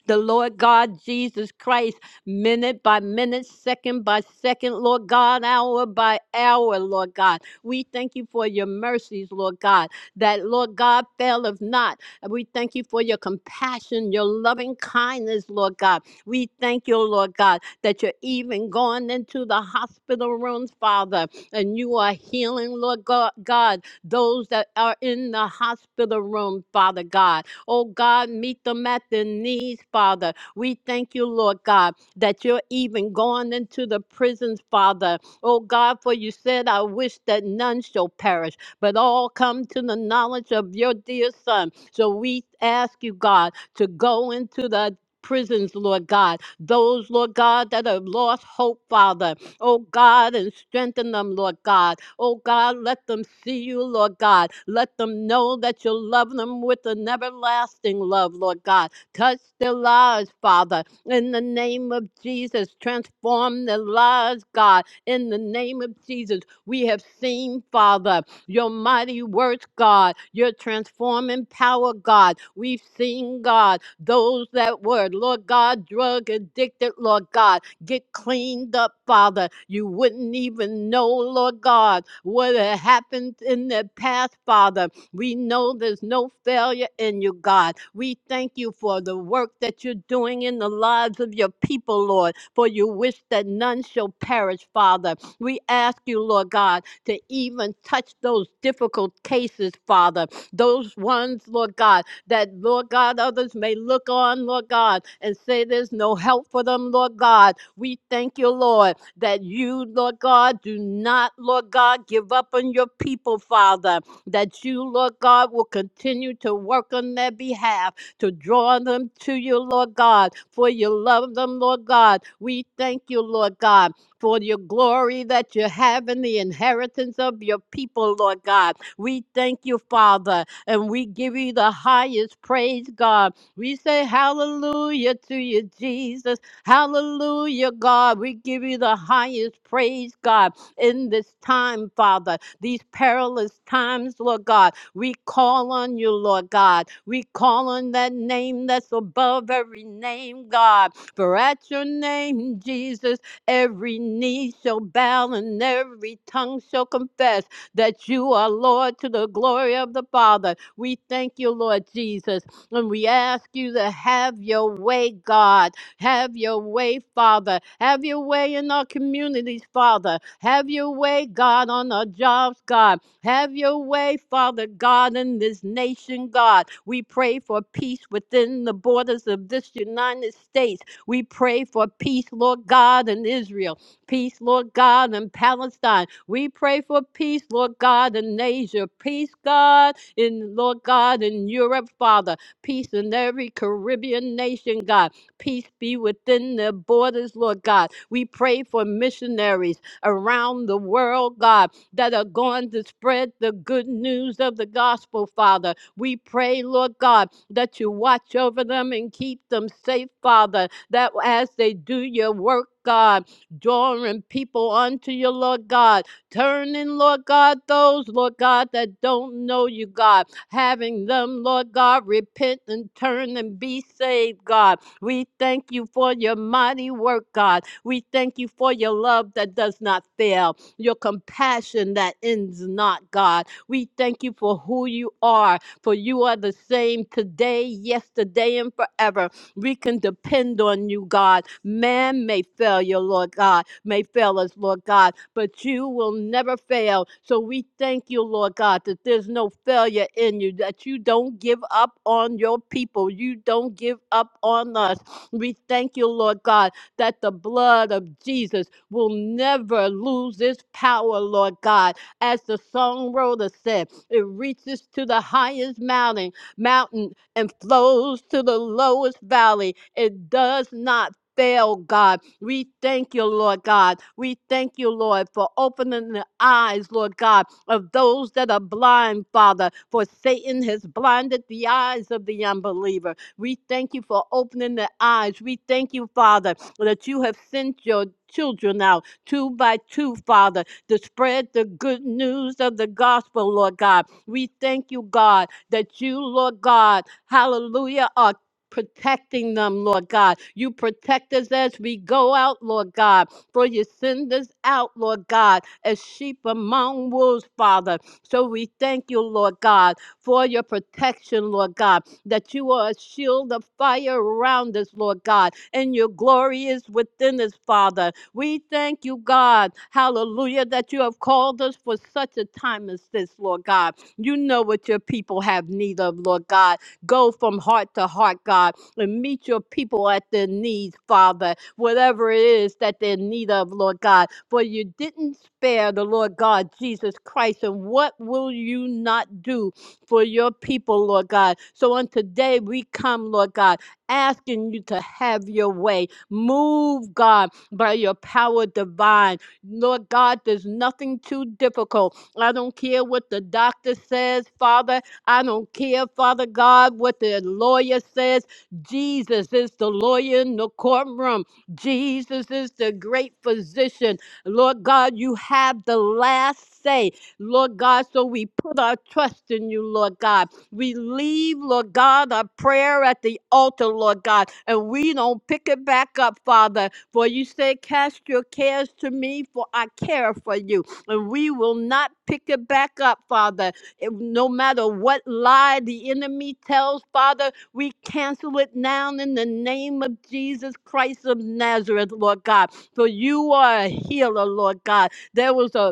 G: the Lord God Jesus Christ, minute by minute, second by second, Lord God, hour by hour, Lord God. We thank you for your mercies, Lord God, that, Lord God, faileth not. And We thank you for your compassion, your loving kindness, Lord God. We thank you, Lord God, that you're even going into the hospital rooms, Father, and you are healing, Lord Go- God, those that are in the hospital room, Father God. Oh God, meet them at their knees, Father. We thank you, Lord God, that you're even going into the prisons, Father. Oh God, for you said, I wish that none shall perish, but all come to the knowledge of your dear Son. So we ask you, God, to go into the prisons, Lord God. Those, Lord God, that have lost hope, Father. Oh God, and strengthen them, Lord God. Oh God, let them see you, Lord God. Let them know that you love them with an everlasting love, Lord God. Touch their lives, Father, in the name of Jesus. Transform their lives, God, in the name of Jesus. We have seen, Father, your mighty works, God, your transforming power, God. We've seen, God, those that were, Lord God, drug addicted, Lord God get cleaned up, Father. You wouldn't even know, Lord God, what had happened in the past, Father. We know there's no failure in you, God. We thank you for the work that you're doing in the lives of your people, Lord, for you wish that none shall perish, Father. We ask you, Lord God, to even touch those difficult cases, Father. Those ones, Lord God, that, Lord God, others may look on, Lord God, and say there's no help for them, Lord God. We thank you, Lord, that you, Lord God, do not, Lord God, give up on your people, Father, that you, Lord God, will continue to work on their behalf, to draw them to you, Lord God, for you love them, Lord God. We thank you, Lord God, for your glory that you have in the inheritance of your people, Lord God. We thank you, Father, and we give you the highest praise, God. We say hallelujah to you, Jesus. Hallelujah, God. We give you the highest praise, God, in this time, Father, these perilous times, Lord God. We call on you, Lord God. We call on that name that's above every name, God. For at your name, Jesus, every knee shall bow and every tongue shall confess that you are Lord to the glory of the Father. We thank you, Lord Jesus, and we ask you to have your way, God. Have your way, Father. Have your way in our communities, Father. Have your way, God, on our jobs, God. Have your way, Father God, in this nation, God. We pray for peace within the borders of this United States. We pray for peace, Lord God, in Israel peace, Lord God, in Palestine. We pray for peace, Lord God, in Asia, peace, God, in Lord God, in Europe, Father, peace in every Caribbean nation, God. Peace be within their borders, Lord God. We pray for missionaries around the world, God, that are going to spread the good news of the gospel, Father. We pray, Lord God, that you watch over them and keep them safe, Father, that as they do your work, God, drawing people unto you, Lord God. Turning, Lord God, those, Lord God, that don't know you, God. Having them, Lord God, repent and turn and be saved, God. We thank you for your mighty work, God. We thank you for your love that does not fail, your compassion that ends not, God. We thank you for who you are, for you are the same today, yesterday, and forever. We can depend on you, God. Man may fail you, Lord God, may fail us, Lord God, but you will never fail. So we thank you, Lord God, that there's no failure in you, that you don't give up on your people. You don't give up on us. We thank you, Lord God, that the blood of Jesus will never lose its power, Lord God. As the songwriter said, it reaches to the highest mountain, mountain and flows to the lowest valley. It does not fail, God. We thank you, Lord God. We thank you, Lord, for opening the eyes, Lord God, of those that are blind, Father, for Satan has blinded the eyes of the unbeliever. We thank you for opening the eyes. We thank you, Father, that you have sent your children out two by two, Father, to spread the good news of the gospel, Lord God. We thank you, God, that you, Lord God, hallelujah, are protecting them, Lord God. You protect us as we go out, Lord God, for you send us out, Lord God, as sheep among wolves, Father. So we thank you, Lord God, for your protection, Lord God, that you are a shield of fire around us, Lord God, and your glory is within us, Father. We thank you, God, hallelujah, that you have called us for such a time as this, Lord God. You know what your people have need of, Lord God. Go from heart to heart, God, and meet your people at their needs, Father, whatever it is that they're in need of, Lord God. For you didn't spare the Lord God, Jesus Christ. And what will you not do for your people, Lord God? So on today we come, Lord God, asking you to have your way. Move, God, by your power divine. Lord God, there's nothing too difficult I don't care what the doctor says, Father. I don't care, Father God, what the lawyer says. Jesus is the lawyer in the courtroom. Jesus is the great physician. Lord God, you have the last say. Lord God, so we put our trust in you, Lord God. We leave, Lord God, our prayer at the altar, Lord God, and we don't pick it back up, Father. For you say, Cast your cares to me, for I care for you and we will not pick it back up, Father. If- no matter what lie the enemy tells, Father, we cancel it now in the name of Jesus Christ of Nazareth, Lord God. For you are a healer, Lord God. There was a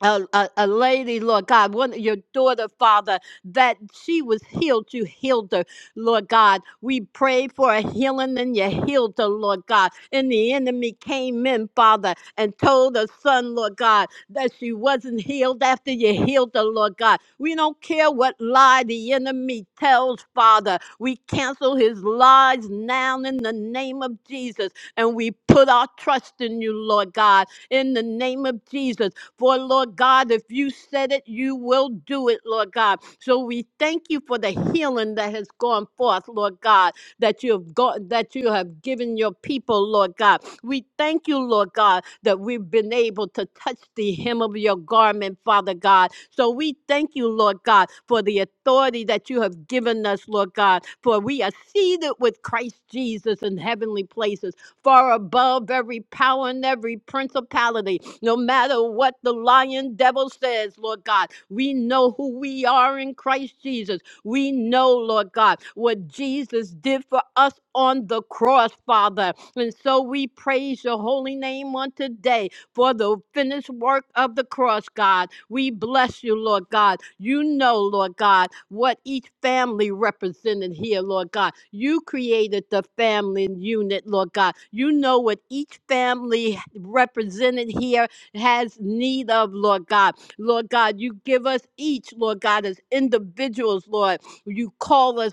G: a, a, a lady, Lord God, one of your daughter, Father, that she was healed. You healed her, Lord God. We pray for a healing and you healed her, Lord God. And the enemy came in, Father, and told her son, Lord God, that she wasn't healed after you healed her, Lord God. We don't care what lie the enemy tells, Father. We cancel his lies now in the name of Jesus. And we put our trust in you, Lord God in the name of Jesus. For Lord God, if you said it, you will do it, Lord God. So we thank you for the healing that has gone forth, Lord God, that you have got that you have given your people, Lord God. We thank you, Lord God, that we've been able to touch the hem of your garment, Father God. So we thank you, Lord God, for the authority that you have given us, Lord God, for we are seated with Christ Jesus in heavenly places far above every power and every principality. No matter what the lion devil says, Lord God, we know who we are in Christ Jesus. We know, Lord God, what Jesus did for us on the cross, Father. And so we praise your holy name on today for the finished work of the cross, God. We bless you, Lord God. You know, Lord God, what each family represented here, Lord God. You created the family unit, Lord God. You know what each family represented here has need of, Lord God. Lord God, you give us each, Lord God, as individuals, Lord. You call us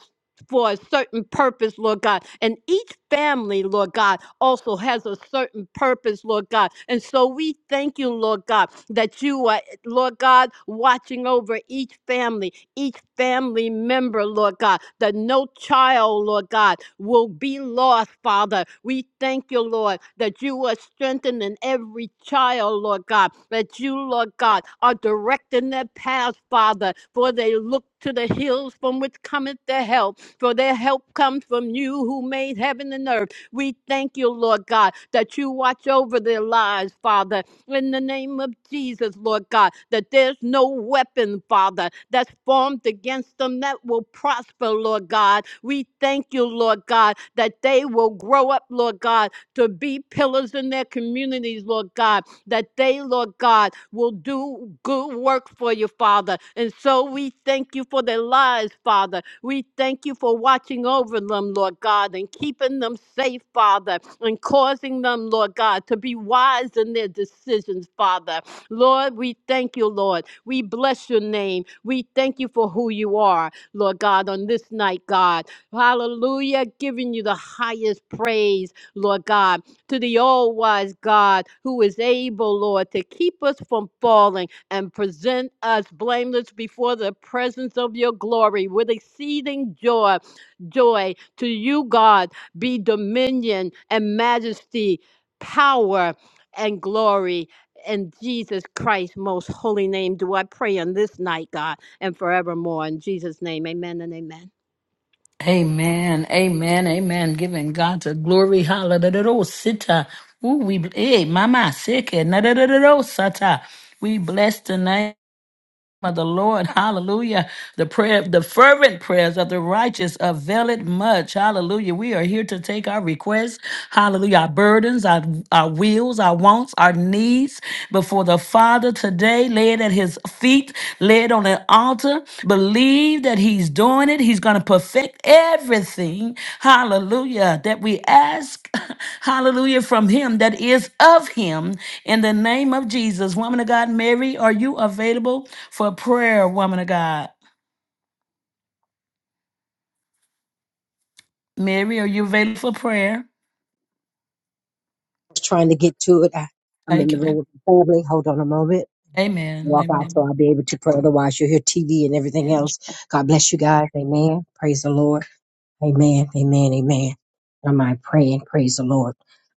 G: for a certain purpose, Lord God. And each family, Lord God, also has a certain purpose, Lord God. And so we thank you, Lord God, that you are, Lord God, watching over each family, each family member, Lord God, that no child, Lord God, will be lost, Father. We thank you, Lord, that you are strengthening every child, Lord God, that you, Lord God, are directing their paths, Father, for they look to the hills from which cometh their help for their help comes from you who made heaven and earth. We thank you, Lord God, that you watch over their lives, Father, in the name of Jesus, Lord God, that there's no weapon, Father, that's formed against them that will prosper, Lord God. We thank you, Lord God, that they will grow up, Lord God, to be pillars in their communities, Lord God, that they, Lord God, will do good work for you, Father. And so we thank you for their lives, Father. We thank you for watching over them, Lord God, and keeping them safe, Father, and causing them, Lord God, to be wise in their decisions, Father. Lord, we thank you, Lord. We bless your name. We thank you for who you are, Lord God, on this night, God. Hallelujah. Giving you the highest praise Lord God, to the all wise God who is able, Lord, to keep us from falling and present us blameless before the presence of your glory with exceeding joy. Joy to you, God, be dominion and majesty, power and glory. In Jesus Christ's most holy name, do I pray on this night, God, and forevermore. In Jesus' name, amen and amen.
A: Amen. Amen. Amen. Giving God the glory. Hallelujah. Sita. Ooh, we hey, mama sick. it. Na-da-da-da-da, We bless the name. of the Lord. (laughs) Hallelujah. The prayer, the fervent prayers of the righteous avail it much. Hallelujah. We are here to take our requests. Hallelujah. Our burdens, our, our wills, our wants, our needs before the Father today. Lay it at his feet. Lay it on an altar. Believe that He's doing it. He's going to perfect everything, hallelujah, that we ask, (laughs) hallelujah, from Him that is of Him in the name of Jesus. Woman of God, Mary, are you available for prayer, woman of God? Mary, are you available for prayer?
H: was trying to get to it. I, I'm in
A: Thank
H: the
A: you.
H: room with my family. Hold on a moment.
A: Amen.
H: Walk out so
A: Amen.
H: I'll be able to pray. Otherwise, you'll hear TV and everything
A: Amen.
H: else. God bless you guys. Amen. Praise the Lord. Amen, amen, amen. Am I mind praying? Praise the Lord.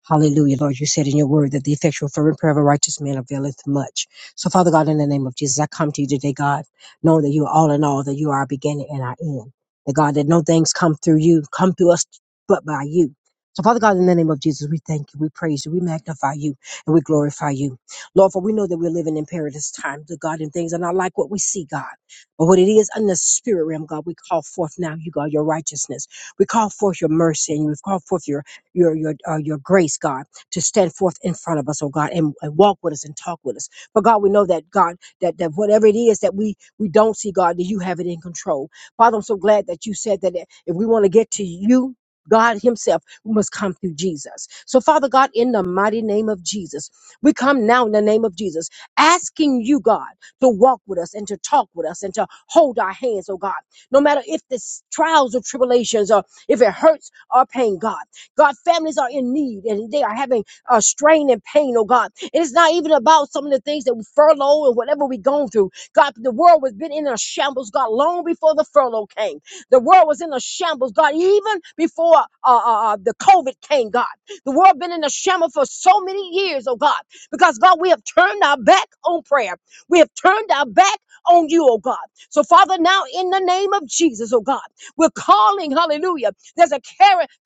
H: Hallelujah, Lord. You said in your word that the effectual fervent prayer of a righteous man availeth much. So, Father God, in the name of Jesus, I come to you today, God, knowing that you are all in all, that you are our beginning and our end. That God, that no things come through you, come through us, but by you. So, Father God, in the name of Jesus, we thank you, we praise you, we magnify you, and we glorify you. Lord, for we know that we're living in perilous times, that God, and things are not like what we see, God. But what it is in the spirit realm, God, we call forth now, you, God, your righteousness. We call forth your mercy and we call forth your your your uh, your grace, God, to stand forth in front of us, oh God, and, and walk with us and talk with us. But God, we know that God, that that whatever it is that we we don't see, God, that you have it in control. Father, I'm so glad that you said that if we want to get to you. God Himself we must come through Jesus. So, Father God, in the mighty name of Jesus, we come now in the name of Jesus, asking you, God, to walk with us and to talk with us and to hold our hands, oh God. No matter if this trials or tribulations, or if it hurts or pain, God. God, families are in need and they are having uh, strain and pain, oh God. And it's not even about some of the things that we furlough and whatever we're going through. God, the world was been in a shambles, God, long before the furlough came. The world was in a shambles, God, even before uh, uh, uh, the COVID came, God. The world been in a shambles for so many years, oh God, because God, we have turned our back on prayer. We have turned our back on you, oh God. So, Father, now in the name of Jesus, oh God, we're calling, hallelujah. There's a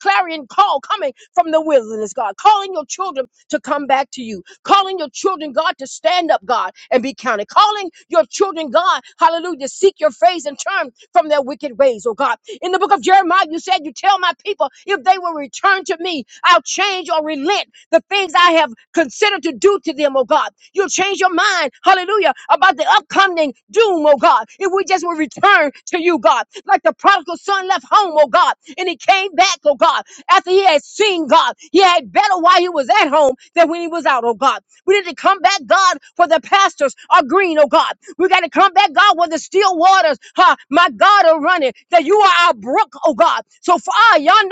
H: clarion call coming from the wilderness, God, calling your children to come back to you. Calling your children, God, to stand up, God, and be counted. Calling your children, God, hallelujah, to seek your face and turn from their wicked ways, oh God. In the book of Jeremiah, you said, You tell my people, if they will return to me, I'll change or relent the things I have considered to do to them, oh God. You'll change your mind, hallelujah, about the upcoming doom, oh God. If we just will return to you, God, like the prodigal son left home, oh God, and he came back, oh God after he had seen God. He had better while he was at home than when he was out, oh God. We need to come back, God, for the pastors are green, oh God. We got to come back, God, where the still waters, huh, my God, are running, that you are our brook, oh God. So for our yonder,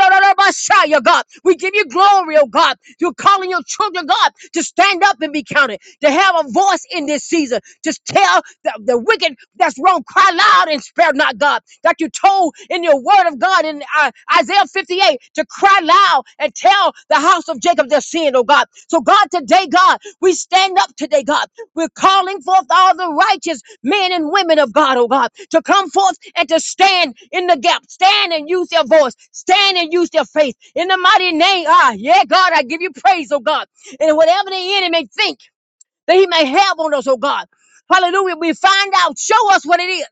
H: God, we give you glory, oh God. You're calling your children, God, to stand up and be counted to have a voice in this season. Just tell the, the wicked that's wrong, cry loud and spare not God. That you told in your word of God in uh, Isaiah 58 to cry loud and tell the house of Jacob their sin, oh God. So, God, today, God, we stand up today, God. We're calling forth all the righteous men and women of God, oh God, to come forth and to stand in the gap. Stand and use their voice. Stand and use their faith. In the mighty name, ah, yeah, God, I give you praise, oh God. And whatever the enemy think that he may have on us, oh God. Hallelujah. We find out, show us what it is,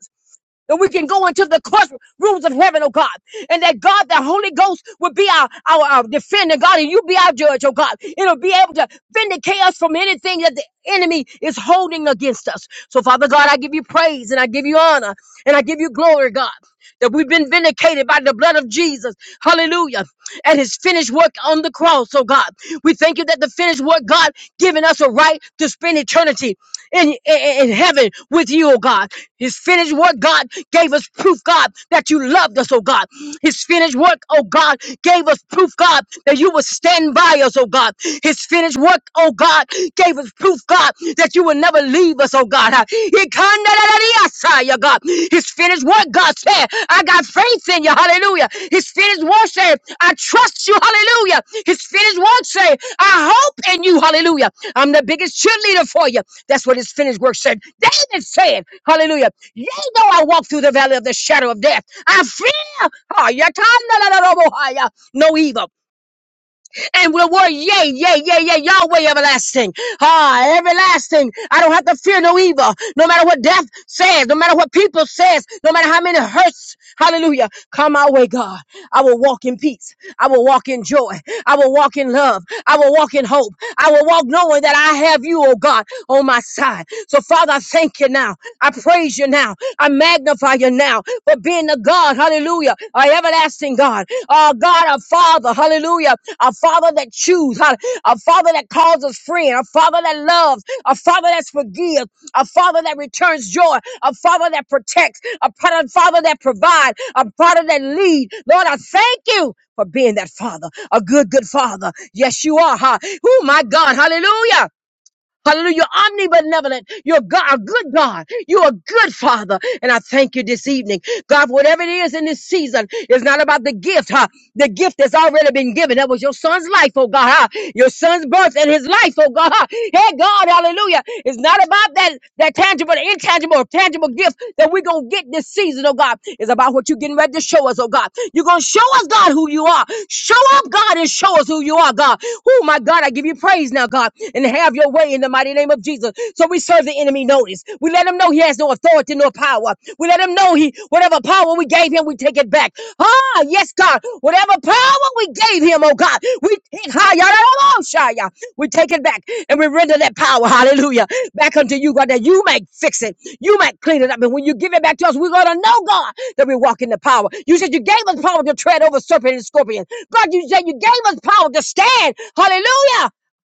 H: that we can go into the courtrooms of heaven, oh God. And that God, the Holy Ghost, will be our, our, our defender, God, and you be our judge, oh God. It'll be able to vindicate us from anything that the enemy is holding against us. So, Father God, I give you praise and I give you honor and I give you glory, God that we've been vindicated by the blood of Jesus. Hallelujah. And his finished work on the cross, oh God. We thank you that the finished work, God, giving us a right to spend eternity in, in, in heaven with you, oh God. His finished work, God, gave us proof, God, that you loved us, oh God. His finished work, oh God, gave us proof, God, that you would stand by us, oh God. His finished work, oh God, gave us proof, God, God, that you will never leave us, oh God. He kinda da- ah, yeah, God. His finished work, God said, I got faith in you, hallelujah. His finished work said, I trust you, hallelujah. His finished work said, I hope in you, hallelujah. I'm the biggest cheerleader for you. That's what his finished work said. David said, hallelujah. Yea, though I walk through the valley of the shadow of death, I fear oh yeah, kinda da- bo- ah, yeah, no evil and will war. Yea, yea, yea, yea, Yahweh everlasting. Ah, everlasting. I don't have to fear no evil. No matter what death says, no matter what people says, no matter how many hurts. Hallelujah. Come our way, God. I will walk in peace. I will walk in joy. I will walk in love. I will walk in hope. I will walk knowing that I have you, oh God, on my side. So Father, I thank you now. I praise you now. I magnify you now for being the God, hallelujah, our everlasting God, our God, our Father, hallelujah, our Father that chooses, a Father that calls us friend, a Father that loves, a Father that forgives, a Father that returns joy, a Father that protects, a Father Father that provides, a Father that leads. Lord, I thank you for being that Father, a good, good Father. Yes, you are. Huh? Oh, my God, hallelujah. Hallelujah. You're omnibenevolent. You're God, a good God. You're a good Father. And I thank you this evening. God, whatever it is in this season, it's not about the gift, huh? The gift that's already been given. That was your son's life, oh God, huh? Your son's birth and his life, oh God, huh? Hey, God, hallelujah. It's not about that, that tangible, intangible, tangible gift that we're going to get this season, oh God. It's about what you're getting ready to show us, oh God. You're going to show us, God, who you are. Show up, God, and show us who you are, God. Oh, my God, I give you praise now, God and have your way in the mighty name of Jesus. So we serve the enemy notice. We let him know he has no authority nor power. We let him know he whatever power we gave him, we take it back. Ah, yes, God. Whatever power we gave him, oh God, we take ah, yada, yada, oh, shy, yeah. we take it back and we render that power, hallelujah, back unto you, God, that you may fix it. You might clean it up. And when you give it back to us, we're gonna know, God, that we walk in the power. You said you gave us power to tread over serpent and scorpion. God, you said you gave us power to stand. Hallelujah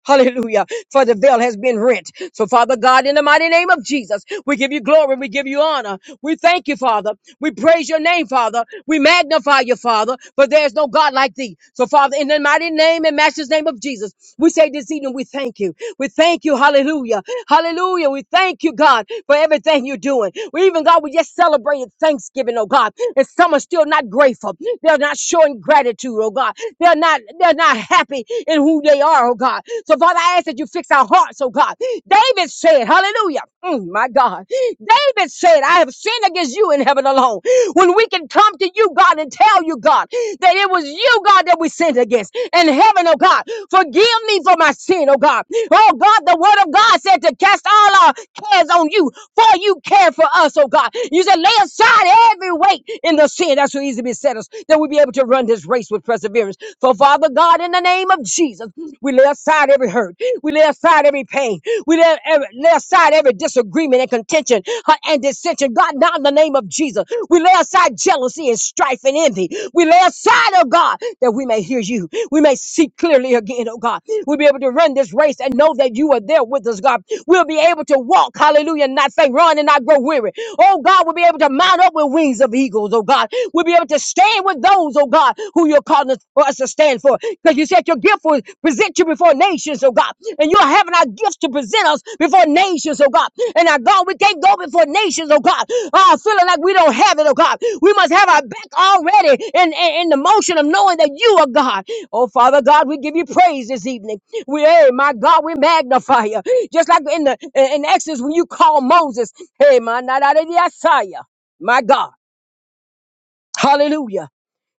H: Hallelujah. For the veil has been rent. So, Father God, in the mighty name of Jesus, we give you glory. We give you honor. We thank you, Father. We praise your name, Father. We magnify you, Father, for there is no God like thee. So, Father, in the mighty name and Master's name of Jesus, we say this evening, we thank you. We thank you. Hallelujah. Hallelujah. We thank you, God, for everything you're doing. We even, God, we just celebrated Thanksgiving, oh God. And some are still not grateful. They're not showing gratitude, oh God. They're not, they're not happy in who they are, oh God. So Father, I ask that you fix our hearts, oh God. David said, hallelujah. Mm, my God. David said, I have sinned against you in heaven alone. When we can come to you, God, and tell you, God, that it was you, God, that we sinned against. And heaven, oh God, forgive me for my sin, oh God. Oh God, the word of God said to cast all our cares on you, for you care for us, oh God. You said, lay aside every weight in the sin that's so easy to beset us, that we be able to run this race with perseverance. For Father God, in the name of Jesus, we lay aside every hurt. We lay aside every pain. We lay, every, lay aside every disagreement disagreement and contention uh, and dissension. God, now in the name of Jesus, we lay aside jealousy and strife and envy. We lay aside, oh God, that we may hear you. We may see clearly again, oh God. We'll be able to run this race and know that you are there with us, God. We'll be able to walk, hallelujah, and not faint, run and not grow weary. Oh God, we'll be able to mount up with wings of eagles, oh God. We'll be able to stand with those, oh God, who you're calling us, for us to stand for. Because you because you said your gift will present you before nations, oh God. And you're having our gifts to present us before nations, oh God. And our God, we can't go before nations, oh God. Oh, feeling like we don't have it, oh God. We must have our back already in, in, in the motion of knowing that you are God. Oh, Father God, we give you praise this evening. We, hey, my God, we magnify you. Just like in the in in Exodus when you call Moses, hey, my, my God. Hallelujah.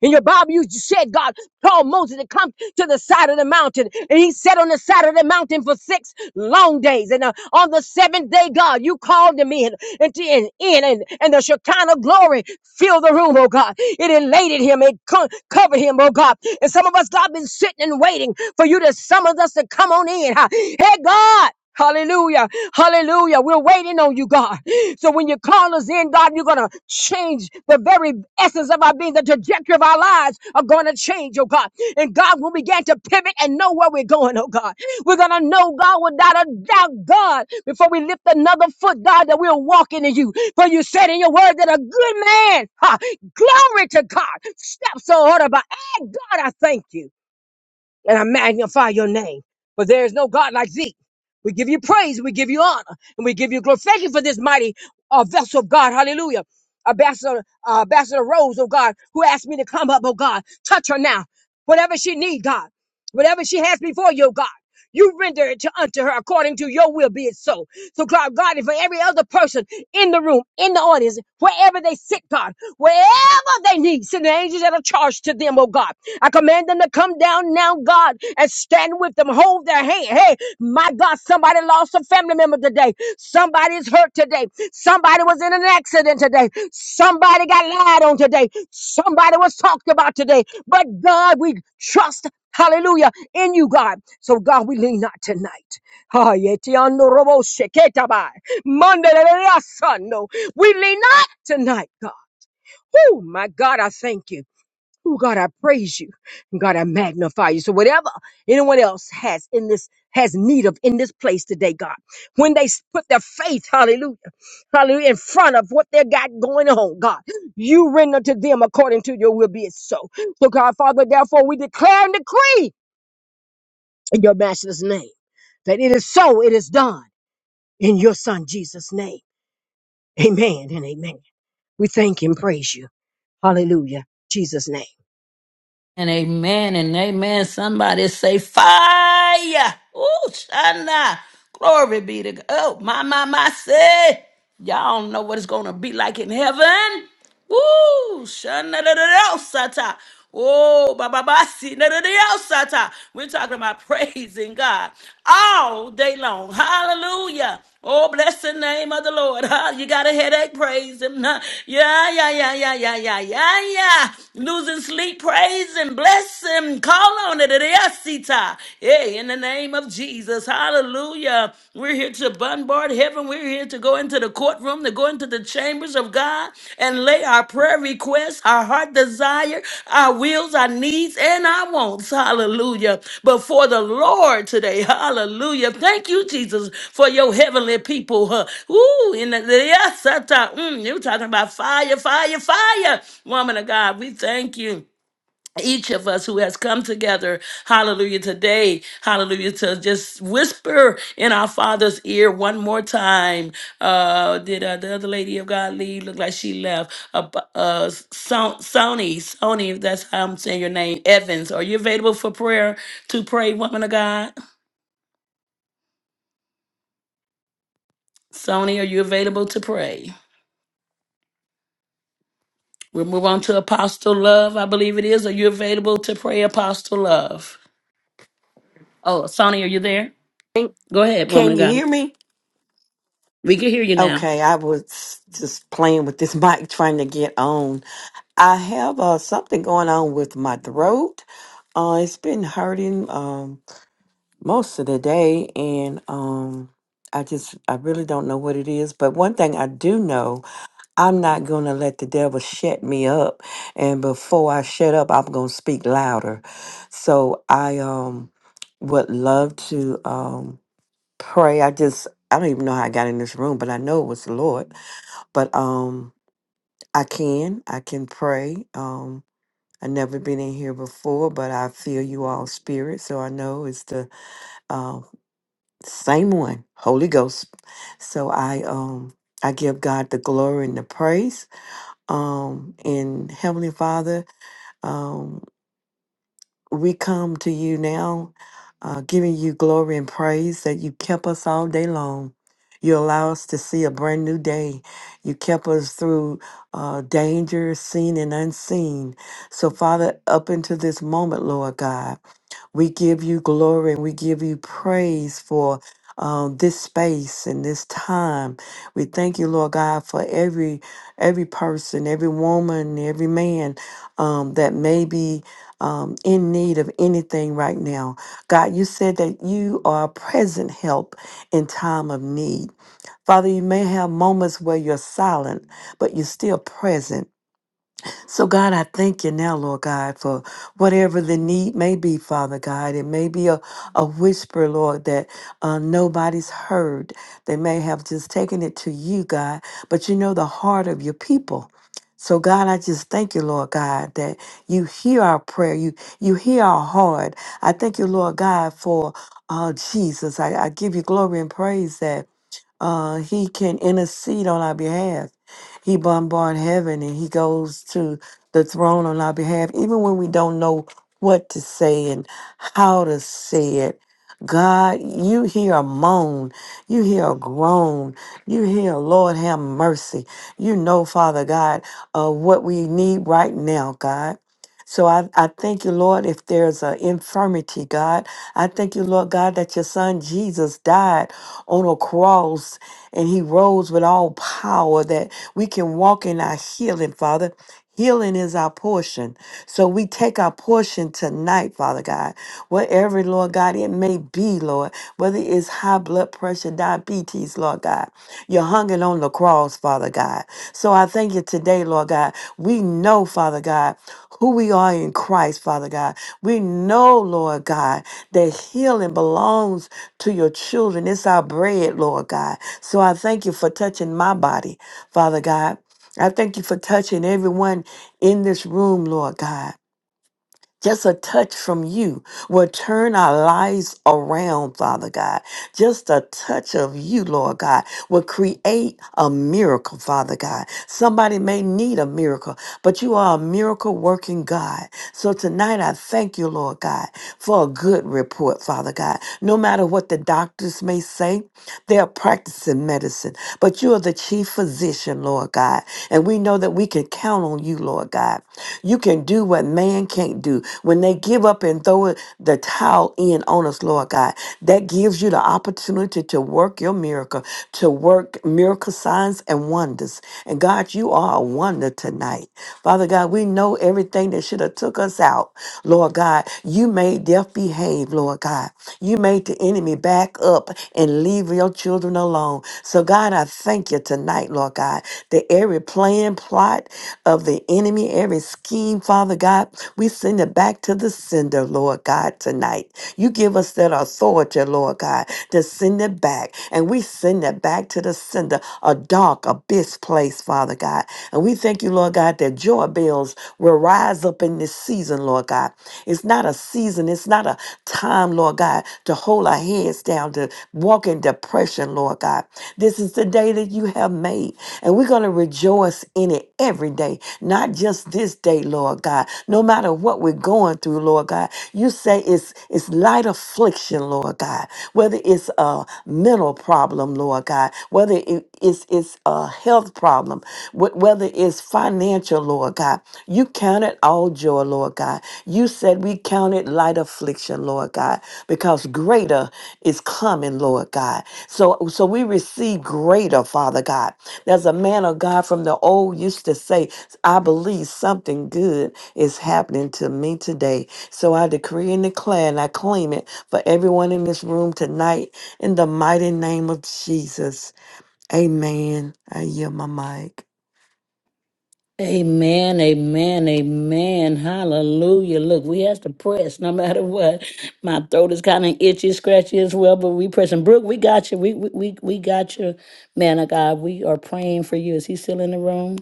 H: In your Bible, you said God told Moses to come to the side of the mountain, and he sat on the side of the mountain for six long days. And uh, on the seventh day, God, you called him in, and to- and in, and, and the Shekinah glory filled the room, oh God. It elated him, it co- covered him, oh God. And some of us, God, been sitting and waiting for you to summon us to come on in. huh? Hey, God. Hallelujah. Hallelujah. We're waiting on you, God. So when you call us in, God, you're going to change the very essence of our being. The trajectory of our lives are going to change, oh God. And God, we begin to pivot and know where we're going, oh God. We're going to know, God, without a doubt, God, before we lift another foot, God, that we're walking in you. For you said in your word that a good man, ha, glory to God, steps are ordered by. And God, I thank you and I magnify your name. For there is no God like thee. We give you praise, we give you honor, and we give you glory. Thank you for this mighty uh, vessel of God. Hallelujah. Ambassador, uh, Ambassador Rose, oh God, who asked me to come up, oh God. Touch her now. Whatever she need, God. Whatever she has before you, oh God. You render it to unto her according to your will, be it so. So God, God, and for every other person in the room, in the audience, wherever they sit, God, wherever they need, send the angels that are charged to them, oh God. I command them to come down now, God, and stand with them, hold their hand. Hey, my God, somebody lost a family member today. Somebody's hurt today. Somebody was in an accident today. Somebody got lied on today. Somebody was talked about today. But God, we trust, hallelujah, in you, God. So God, we lean not tonight. Ha yetiando robo sheketabai. Mandeleleasando. We lean not tonight, God. Oh my God, I thank you. Oh God, I praise you. God, I magnify you. So whatever anyone else has in this has need of in this place today, God, when they s- put their faith, hallelujah, hallelujah, in front of what they got going on, God, you render to them according to your will be it so. So God, Father, therefore we declare and decree in your master's name that it is so, it is done in your son Jesus' name. Amen and amen. We thank and praise you. Hallelujah. Jesus' name.
A: And amen and amen. Somebody say fire. Ooh, Shana. Glory be to God. Oh, my, my, my, say. Y'all don't know what it's going to be like in heaven. Ooh, Shana, da, da, da, oh, sata. Oh, ba, ba, ba, si, da, da, da, oh, sata. We're talking about (laughs) praising God all day long. Hallelujah. Oh, bless the name of the Lord. Huh? You got a headache, praise him. Huh? Yeah, yeah, yeah, yeah, yeah, yeah, yeah, yeah. Losing sleep, praise him, bless him. Call on it. Yes, Hey, in the name of Jesus. Hallelujah. We're here to bombard heaven. We're here to go into the courtroom, to go into the chambers of God. God, and lay our prayer requests, our heart desire, our wills, our needs, and our wants. Hallelujah. Before the Lord today. Hallelujah. Thank you, Jesus, for your heavenly people. huh. Ooh, in the yes, I thought, mm, you're talking about fire, fire, fire. Woman of God, we thank you each of us who has come together, hallelujah, today, hallelujah, to just whisper in our Father's ear one more time. Uh, did uh, the other lady of God leave? Looked like she left. Uh, uh, Son- Sony, Sony, if that's how I'm saying your name, Evans, are you available for prayer to pray, woman of God? Sony, are you available to pray? We'll move on to Apostle Love, I believe it is. Are you available to pray, Apostle Love? Oh, Sony, are you there?
I: Can,
A: Go ahead, woman
I: can
A: of
I: you
A: God.
I: hear me?
A: We can hear you now.
I: Okay, I was just playing with this (laughs) mic trying to get on. I have uh, something going on with my throat. Uh, it's been hurting um, most of the day, and um, I just I really don't know what it is. But one thing I do know, I'm not gonna let the devil shut me up. And before I shut up, I'm gonna speak louder. So I um would love to. Um, pray. I just I don't even know how I got in this room, but I know it was the Lord. But um I can. I can pray. Um i never been in here before, but I feel you all spirit, so I know it's the uh, same one, Holy Ghost. So I um I give God the glory and the praise. Um and Heavenly Father, um, we come to you now, uh, giving you glory and praise that you kept us all day long. You allow us to see a brand new day. You kept us through uh, danger, seen and unseen. So, Father, up into this moment, Lord God. We give you glory and we give you praise for um, this space and this time. We thank you, Lord God, for every every person, every woman, every man um, that may be um, in need of anything right now. God, you said that you are a present help in time of need. Father, you may have moments where you're silent, but you're still present. So, God, I thank you now, Lord God, for whatever the need may be, Father God. It may be a, a whisper, Lord, that uh, nobody's heard. They may have just taken it to you, God, but you know the heart of your people. So God, I just thank you, Lord God, that you hear our prayer. You you hear our heart. I thank you, Lord God, for uh, Jesus. I, I give you glory and praise that uh, he can intercede on our behalf. He bombards heaven and he goes to the throne on our behalf. Even when we don't know what to say and how to say it, God, you hear a moan, you hear a groan, you hear, Lord, have mercy. You know, Father God, uh, what we need right now, God. So I, I thank you, Lord, if there's an infirmity, God. I thank you, Lord God, that your son Jesus died on a cross and he rose with all power that we can walk in our healing, Father. Healing is our portion. So we take our portion tonight, Father God. Whatever, Lord God, it may be, Lord, whether it's high blood pressure, diabetes, Lord God. You're hungering on the cross, Father God. So I thank you today, Lord God. We know, Father God who we are in Christ, Father God. We know, Lord God, that healing belongs to your children. It's our bread, Lord God. So I thank you for touching my body, Father God. I thank you for touching everyone in this room, Lord God. Just a touch from you will turn our lives around, Father God. Just a touch of you, Lord God, will create a miracle, Father God. Somebody may need a miracle, but you are a miracle working God. So tonight I thank you, Lord God, for a good report, Father God. No matter what the doctors may say, they are practicing medicine, but you are the chief physician, Lord God. And we know that we can count on you, Lord God. You can do what man can't do. When they give up and throw it- the towel in on us, Lord God, that gives you the opportunity to work your miracle, to work miracle signs and wonders. And God, you are a wonder tonight. Father God, we know everything that should have took took us out, Lord God. You made death behave, Lord God. You made the enemy back up and leave your children alone. So, God, I thank you tonight, Lord God, that every plan, plot of the enemy, every scheme, Father God, we send it back to the sender, Lord God, tonight. You give us that authority, Lord God, to send it back. And we send it back to to the sender, a dark abyss place, Father God. And we thank you, Lord God, that joy bells will rise up in this season, Lord God. It's not a season, it's not a time, Lord God, to hold our heads down, to walk in depression, Lord God. This is the day that you have made, and we're going to rejoice in it every day, not just this day, Lord God. No matter what we're going through, Lord God. You say it's it's light affliction, Lord God. Whether it's a mental problem, Lord God. Whether it- it's it's a health problem. wh- Whether it's financial, Lord God. You count it all joy, Lord God. You said we count it light affliction, Lord God, because greater is coming, Lord God. So so we receive greater, Father God. There's a man of God from the old used to say, I believe something good is happening to me today. So I decree and declare and I claim it for everyone in this room tonight in the mighty name of Jesus. Amen. I yield my mic.
A: Amen, amen, amen. Hallelujah. Look, we have to press no matter what. My throat is kind of itchy, scratchy as well, but we pressing. Brooke, we got you. We, we, we we got you, man of God. We are praying for you. Is he still in the room?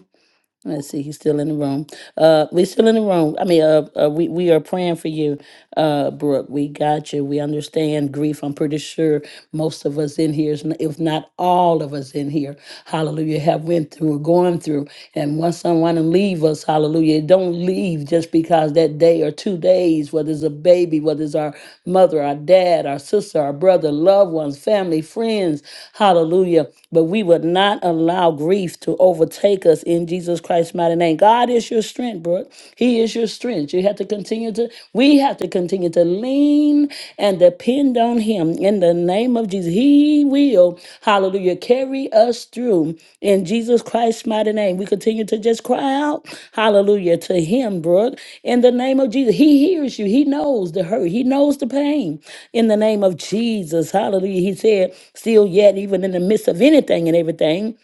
A: Let's see, he's still in the room. Uh, we're still in the room. I mean, uh, uh we we are praying for you, uh, Brooke. We got you. We understand grief. I'm pretty sure most of us in here, is n- if not all of us in here, Hallelujah, have went through or going through. And once someone leave us, Hallelujah, it don't leave just because that day or two days, whether it's a baby, whether it's our mother, our dad, our sister, our brother, loved ones, family, friends, Hallelujah. But we would not allow grief to overtake overtake us in Jesus Christ's mighty name. God is your strength, Brooke. He is your strength. You have to continue to, we have to continue to lean and depend on Him in the name of Jesus. He will, hallelujah, carry us through in Jesus Christ's mighty name. We continue to just cry out, hallelujah, to Him, Brooke, in the name of Jesus. He hears you. He knows the hurt. He knows the pain in the name of Jesus. Hallelujah. He said, still yet, even in the midst of anything and everything.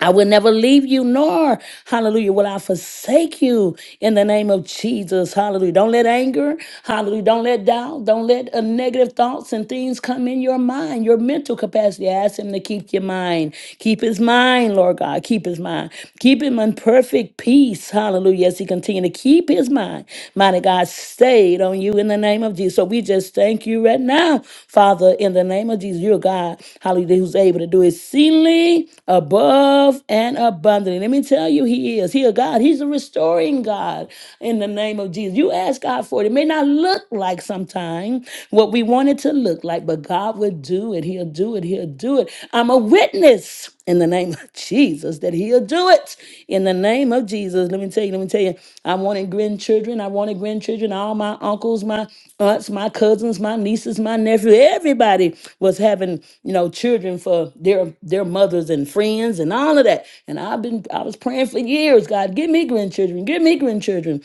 A: I will never leave you, nor, hallelujah, will I forsake you in the name of Jesus. Hallelujah. Don't let anger, hallelujah, don't let doubt, don't let uh, negative thoughts and things come in your mind, your mental capacity. I ask Him to keep your mind. Keep His mind, Lord God. Keep His mind. Keep Him in perfect peace. Hallelujah. As He continue to keep His mind. Mighty God, stay laid on you in the name of Jesus. So we just thank you right now, Father, in the name of Jesus. You're God, hallelujah, who's able to do exceedingly above and abundantly. Let me tell you, He is. He a God. He's a restoring God in the name of Jesus. You ask God for it. It may not look like sometime what we want it to look like, but God will do it. He'll do it. He'll do it. I'm a witness in the name of Jesus that he'll do it in the name of Jesus. Let me tell you, let me tell you, I wanted grandchildren. I wanted grandchildren. All my uncles, my aunts, my cousins, my nieces, my nephew, everybody was having, you know, children for their their mothers and friends and all of that. And I've been I was praying for years, God, give me grandchildren, give me grandchildren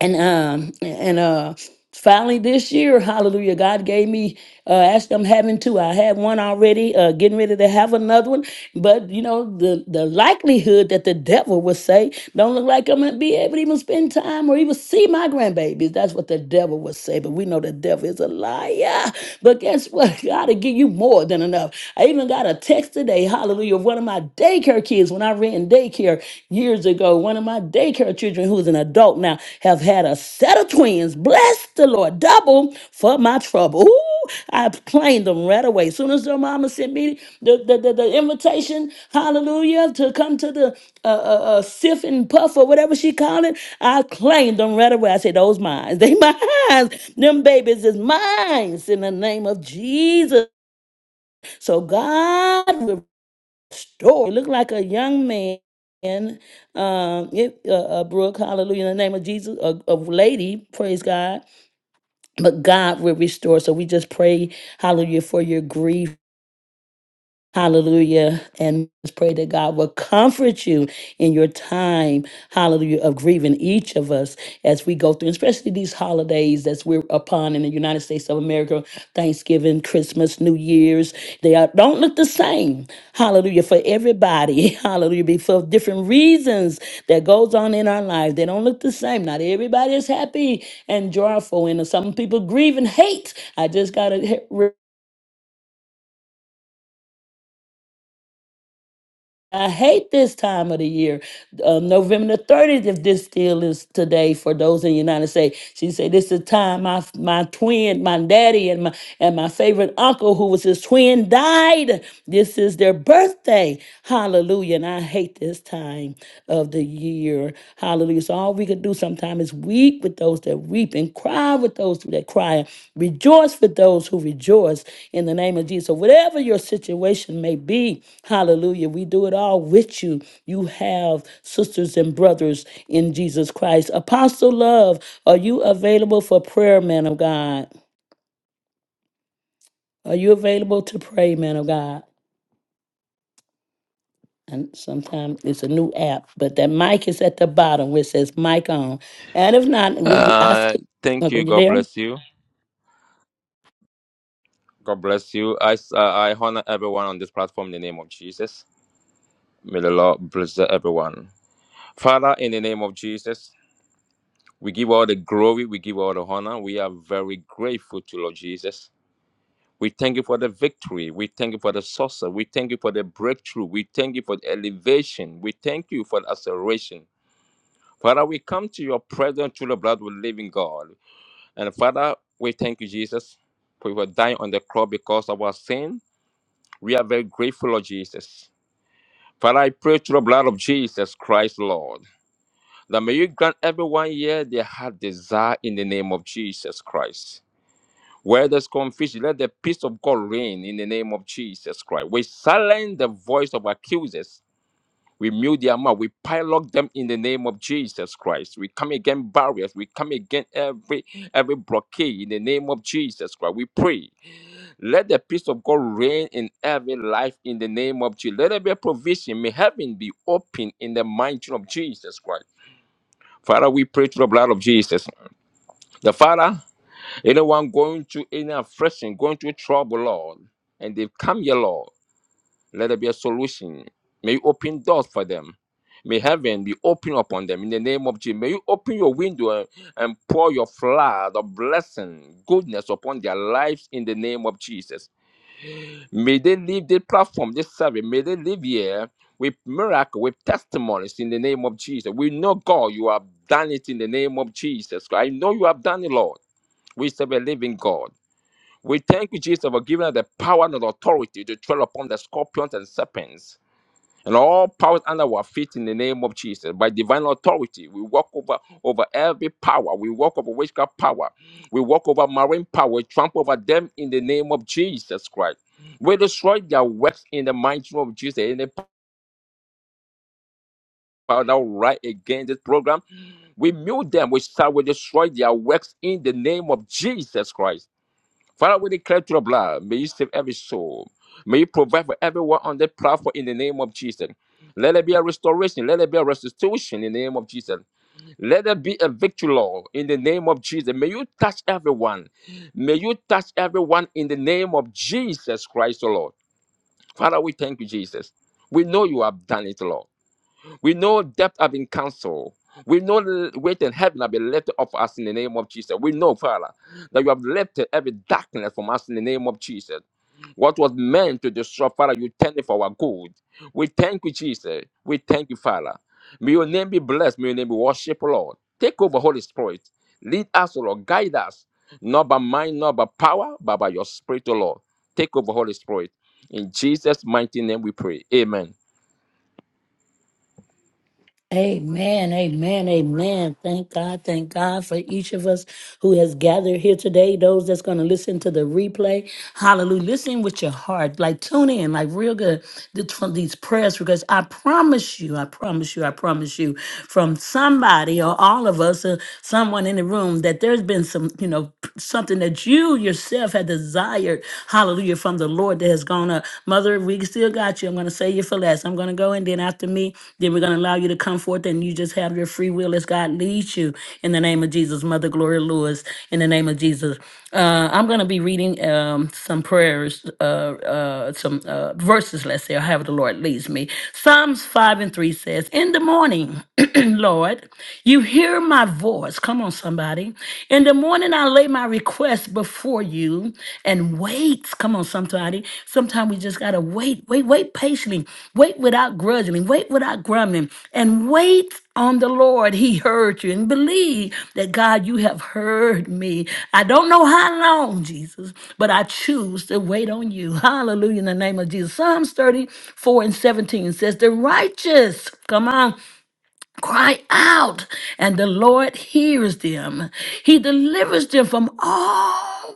A: and um and uh finally this year hallelujah god gave me uh actually i'm having two i had one already uh getting ready to have another one but you know the the likelihood that the devil would say don't look like i'm gonna be able to even spend time or even see my grandbabies that's what the devil would say but we know the devil is a liar but guess what (laughs) god will give you more than enough i even got a text today hallelujah of one of my daycare kids I ran daycare years ago. One of my daycare children, who's an adult now, have had a set of twins. Bless the Lord, double for my trouble. Ooh, I claimed them right away. Soon as their mama sent me the, the, the, the invitation, hallelujah, to come to the uh, uh, uh, sift and puff or whatever she called it, I claimed them right away. I said, those mine. (laughs) They mine. Them babies is mine in the name of Jesus. So God will story. It looked like a young man, um, it, uh, uh, Brooke, hallelujah, in the name of Jesus, a, a lady, praise God. But God will restore. So we just pray, hallelujah, for your grief. Hallelujah. And just pray that God will comfort you in your time, hallelujah, of grieving each of us as we go through, especially these holidays that we're upon in the United States of America Thanksgiving, Christmas, New Year's. They are, don't look the same, hallelujah, for everybody, (laughs) hallelujah, be- for different reasons that goes on in our lives. They don't look the same. Not everybody is happy and joyful, and some people grieve and hate. I just got to I hate this time of the year. Uh, November the 30th, if this still is today for those in the United States, she said, This is the time my, my twin, my daddy, and my, and my favorite uncle, who was his twin, died. This is their birthday. Hallelujah. And I hate this time of the year. Hallelujah. So all we we could do sometimes is weep with those that weep and cry with those that cry, rejoice with those who rejoice in the name of Jesus. So whatever your situation may be, hallelujah, we do it all with you. You have sisters and brothers in Jesus Christ. Apostle Love, are you available for prayer, man of God? Are you available to pray, man of God? And sometimes it's a new app, but that mic is at the bottom where it says mic on. And if not, we, we I
J: Uh,
A: see, are
J: thank you.
A: you
J: God
A: there?
J: bless you. God bless you. I, s- uh, I honor everyone on this platform in the name of Jesus. May the Lord bless everyone. Father, in the name of Jesus, we give all the glory, we give all the honor. We are very grateful to Lord Jesus. We thank you for the victory. We thank you for the success. We thank you for the breakthrough. We thank you for the elevation. We thank you for the acceleration. Father, we come to your presence through the blood of the living God. And Father, we thank you, Jesus, for you were dying on the cross because of our sin. We are very grateful, Lord Jesus. Father, I pray through the blood of Jesus Christ, Lord, that may you grant everyone here their heart desire in the name of Jesus Christ. Where there's confusion, let the peace of God reign in the name of Jesus Christ. We silence the voice of accusers. We mute their mouth. We pilot them in the name of Jesus Christ. We come against barriers. We come against every every blockade in the name of Jesus Christ. We pray Let the peace of God reign in every life in the name of Jesus. Let there be a provision. May heaven be open in the mighty name of Jesus Christ. Father, we pray through the blood of Jesus. The Father, anyone going to any affliction, going through trouble, Lord, and they've come here, Lord, let there be a solution. May you open doors for them. May heaven be open upon them in the name of Jesus. May you open your window and and pour your flood of blessing, goodness upon their lives in the name of Jesus. May they leave this platform, this service. May they leave here with miracle, with testimonies in the name of Jesus. We know, God, you have done it in the name of Jesus. I know you have done it, Lord. We serve a living God. We thank you, Jesus, for giving us the power and authority to tread upon the scorpions and serpents and all powers under our feet in the name of Jesus. By divine authority, we walk over over every power. We walk over witchcraft power. We walk over marine power. We trample over them in the name of Jesus Christ. We destroy their works in the mighty name of Jesus. Any power that will rise against this program, we mute them. We start. We destroy their works in the name of Jesus Christ. Father, we declare through your blood, may you save every soul. May you provide for everyone on the platform in the name of Jesus. Let it be a restoration. Let it be a restitution in the name of Jesus. Let it be a victory, Lord, in the name of Jesus. May you touch everyone. May you touch everyone in the name of Jesus Christ, O Lord. Father, we thank you, Jesus. We know you have done it, Lord. We know death have been cancelled. We know l- weight and heaven have been lifted up for us in the name of Jesus. We know, Father, that you have lifted every darkness from us in the name of Jesus. What was meant to destroy, Father, you turned it for our good. We thank you, Jesus. We thank you, Father. May your name be blessed. May your name be worshipped, Lord. Take over, Holy Spirit. Lead us, O Lord. Guide us. Not by mind, not by power, but by your spirit, O Lord. Take over, Holy Spirit. In Jesus' mighty name we pray. Amen.
A: Amen, amen, amen. Thank God, thank God for each of us who has gathered here today, those that's going to listen to the replay. Hallelujah. Listen with your heart, like tune in, like real good th- from these prayers, because I promise you, I promise you, I promise you, from somebody or all of us or someone in the room, that there's been some, you know, something that you yourself had desired, hallelujah, from the Lord that has gone on up. Mother, we still got you. I'm going to save you for last. I'm going to go, and then after me, then we're going to allow you to come forth, and you just have your free will as God leads you. In the name of Jesus, Mother Gloria Lewis, in the name of Jesus. Uh, I'm going to be reading um, some prayers, uh, uh, some uh, verses, let's say, or however the Lord leads me. Psalms 5 and 3 says, In the morning, (clears throat) Lord, you hear my voice. Come on, somebody. In the morning, morning I lay my request before you and wait. Come on, somebody. Sometimes we just gotta wait, wait, wait patiently, wait without grudging, wait without grumbling, and wait on the Lord. He heard you and believe that God, you have heard me. I don't know how long, Jesus, but I choose to wait on you. Hallelujah in the name of Jesus. Psalms 34 and 17 says, The righteous, come on cry out, and the Lord hears them. He delivers them from all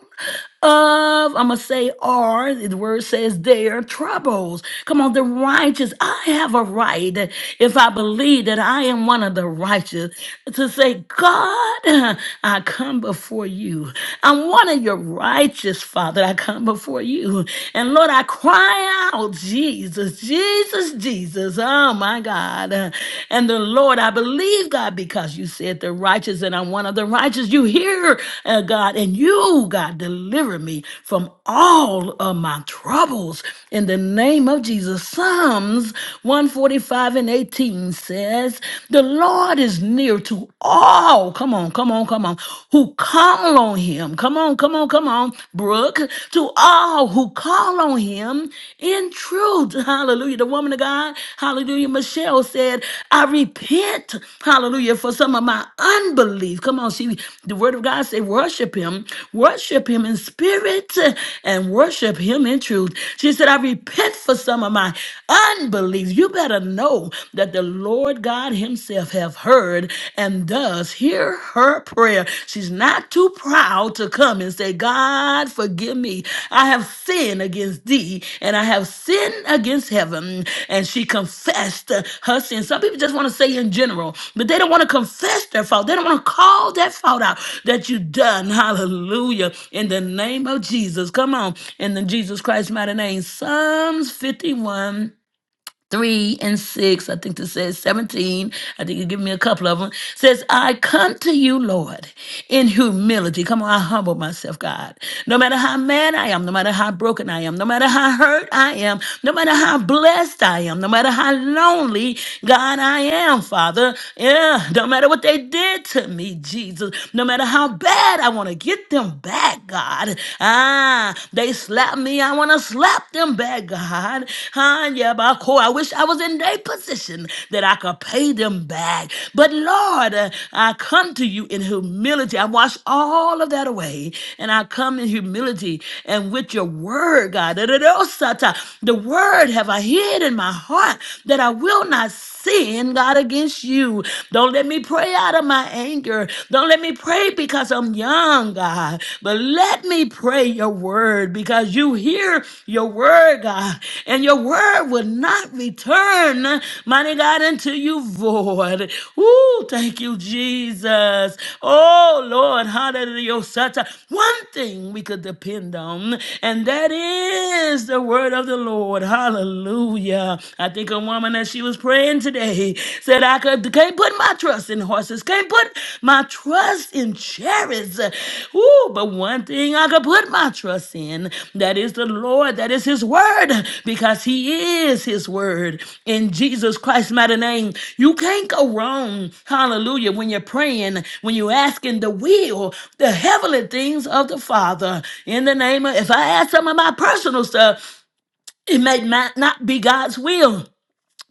A: of, I'm going to say, are, the word says, their troubles. Come on, the righteous. I have a right, if I believe that I am one of the righteous, to say, God, I come before you. I'm one of your righteous, Father. I come before you. And Lord, I cry out Oh, Jesus, Jesus, Jesus. Oh, my God. And the Lord, I believe, God, because you said the righteous, and I'm one of the righteous. You hear, uh, God, and you, God, deliver me from all of my troubles in the name of Jesus. Psalms 145 and 18 says, The Lord is near to all. Come on, come on, come on. Who call on him. Come on, on, come on, come on, Brooke, to all who call on him in truth. Hallelujah. The woman of God, hallelujah, Michelle said, I repent, hallelujah, for some of my unbelief. Come on, she, the word of God say, worship him, worship him in spirit and worship him in truth. She said, I repent for some of my unbelief. You better know that the Lord God himself have heard heard and does hear her prayer. She's not too proud to come and say, God, forgive me. I have sinned against thee and I have sinned against heaven. And she confessed uh, her sin. Some people just want to say in general, but they don't want to confess their fault. They don't want to call that fault out that you done. Hallelujah. In the name of Jesus. Come on. In the Jesus Christ mighty name. Psalms 51 3 and 6, I think it says 17. I think you give me a couple of them. Says, I come to you, Lord, in humility. Come on, I humble myself, God. No matter how mad I am, no matter how broken I am, no matter how hurt I am, no matter how blessed I am, no matter how lonely, God, I am, Father. Yeah, no matter what they did to me, Jesus, no matter how bad I want to get them back, God. Ah, they slapped me. I want to slap them back, God. Huh? Yeah, but cool. I wish I was in their position that I could pay them back. But Lord, uh, I come to you in humility. I wash all of that away and I come in humility and with your word, God. The word have I hid in my heart that I will not sin, God, against you. Don't let me pray out of my anger. Don't let me pray because I'm young, God. But let me pray your word because you hear your word, God. And your word will not return, mighty God, unto you void. Ooh, thank you, Jesus. Oh, Lord, hallelujah. Such a one thing we could depend on, and that is the word of the Lord. Hallelujah. Hallelujah. I think a woman that she was praying today said, I could, can't put my trust in horses, can't put my trust in chariots. Ooh, but one thing I could put my trust in, that is the Lord, that is his word, because he is his word. In Jesus Christ's mighty name, you can't go wrong. Hallelujah. When you're praying, when you're asking the will, the heavenly things of the Father. In the name of, if I ask some of my personal stuff, it may not, not be God's will.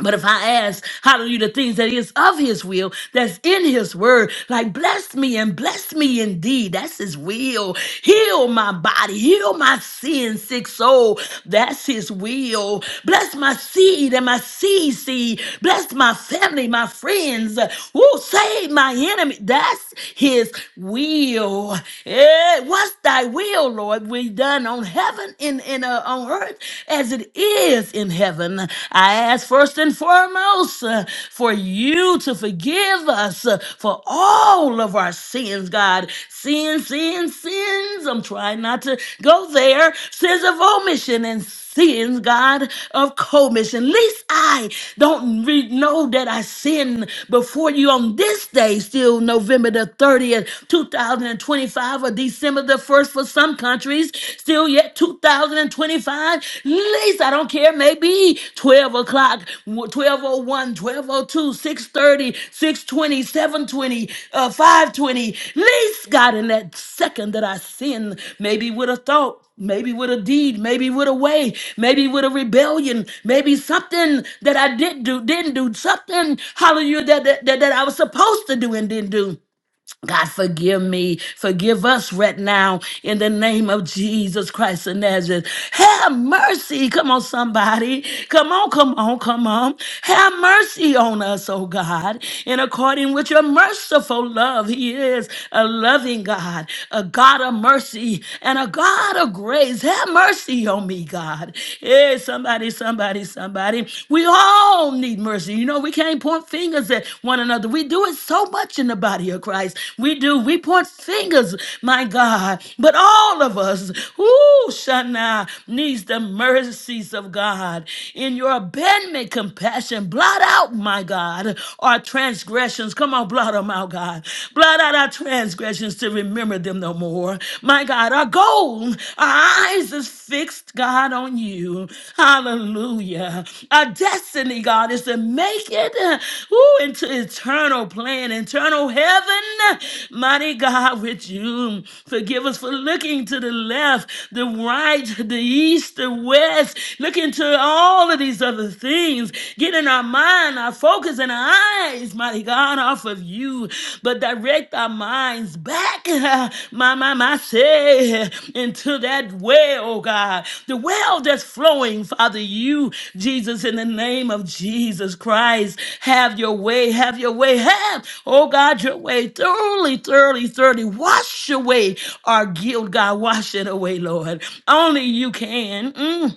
A: But if I ask, hallelujah, the things that is of his will, that's in his word, like bless me and bless me indeed. That's his will. Heal my body, heal my sin, sick soul. That's his will. Bless my seed and my seed seed. Bless my family, my friends. Who save my enemy? That's his will. Eh, what's thy will, Lord? We done on heaven and, and uh, on earth earth as it is in heaven. I ask first and foremost uh, for you to forgive us uh, for all of our sins, God. Sins, sins, sins. I'm trying not to go there. Sins of omission and sins, God, of commission. Least I don't re- know that I sinned before you on this day, still November the 30th, 2025, or December the 1st for some countries, still yet 2025. Least I don't care, maybe 12 o'clock, 1201, 1202, uh, 520. Least God, in that second that I sinned, maybe with a thought. Maybe with a deed, maybe with a way, maybe with a rebellion, maybe something that I did do, didn't do, something, hallelujah, that, that, that that I was supposed to do and didn't do. God, forgive me. Forgive us right now in the name of Jesus Christ of Nazareth. Have mercy. Come on, somebody. Come on, come on, come on. Have mercy on us, oh God. And according with your merciful love, He is a loving God, a God of mercy, and a God of grace. Have mercy on me, God. Hey, somebody, somebody, somebody. We all need mercy. You know, we can't point fingers at one another. We do it so much in the body of Christ. We do. We point fingers, my God. But all of us, who Shana, needs the mercies of God. In your abandonment, compassion, blot out, my God, our transgressions. Come on, blot them out, God. Blot out our transgressions to remember them no more. My God, our our goal, our eyes is fixed, God, on you. Hallelujah. Our destiny, God, is to make it uh, woo, into eternal plan, eternal heaven. Mighty God, with you. Forgive us for looking to the left, the right, the east, the west, looking to all of these other things, getting our mind, our focus, and our eyes, mighty God, off of you, but direct our minds back, (laughs) my, my, my, say, into that well, oh God, the well that's flowing, Father, you, Jesus, in the name of Jesus Christ, have your way, have your way, have, oh God, your way, thoroughly, thoroughly, thoroughly, wash away our guilt, God, wash it away, Lord. Only you can. Mm.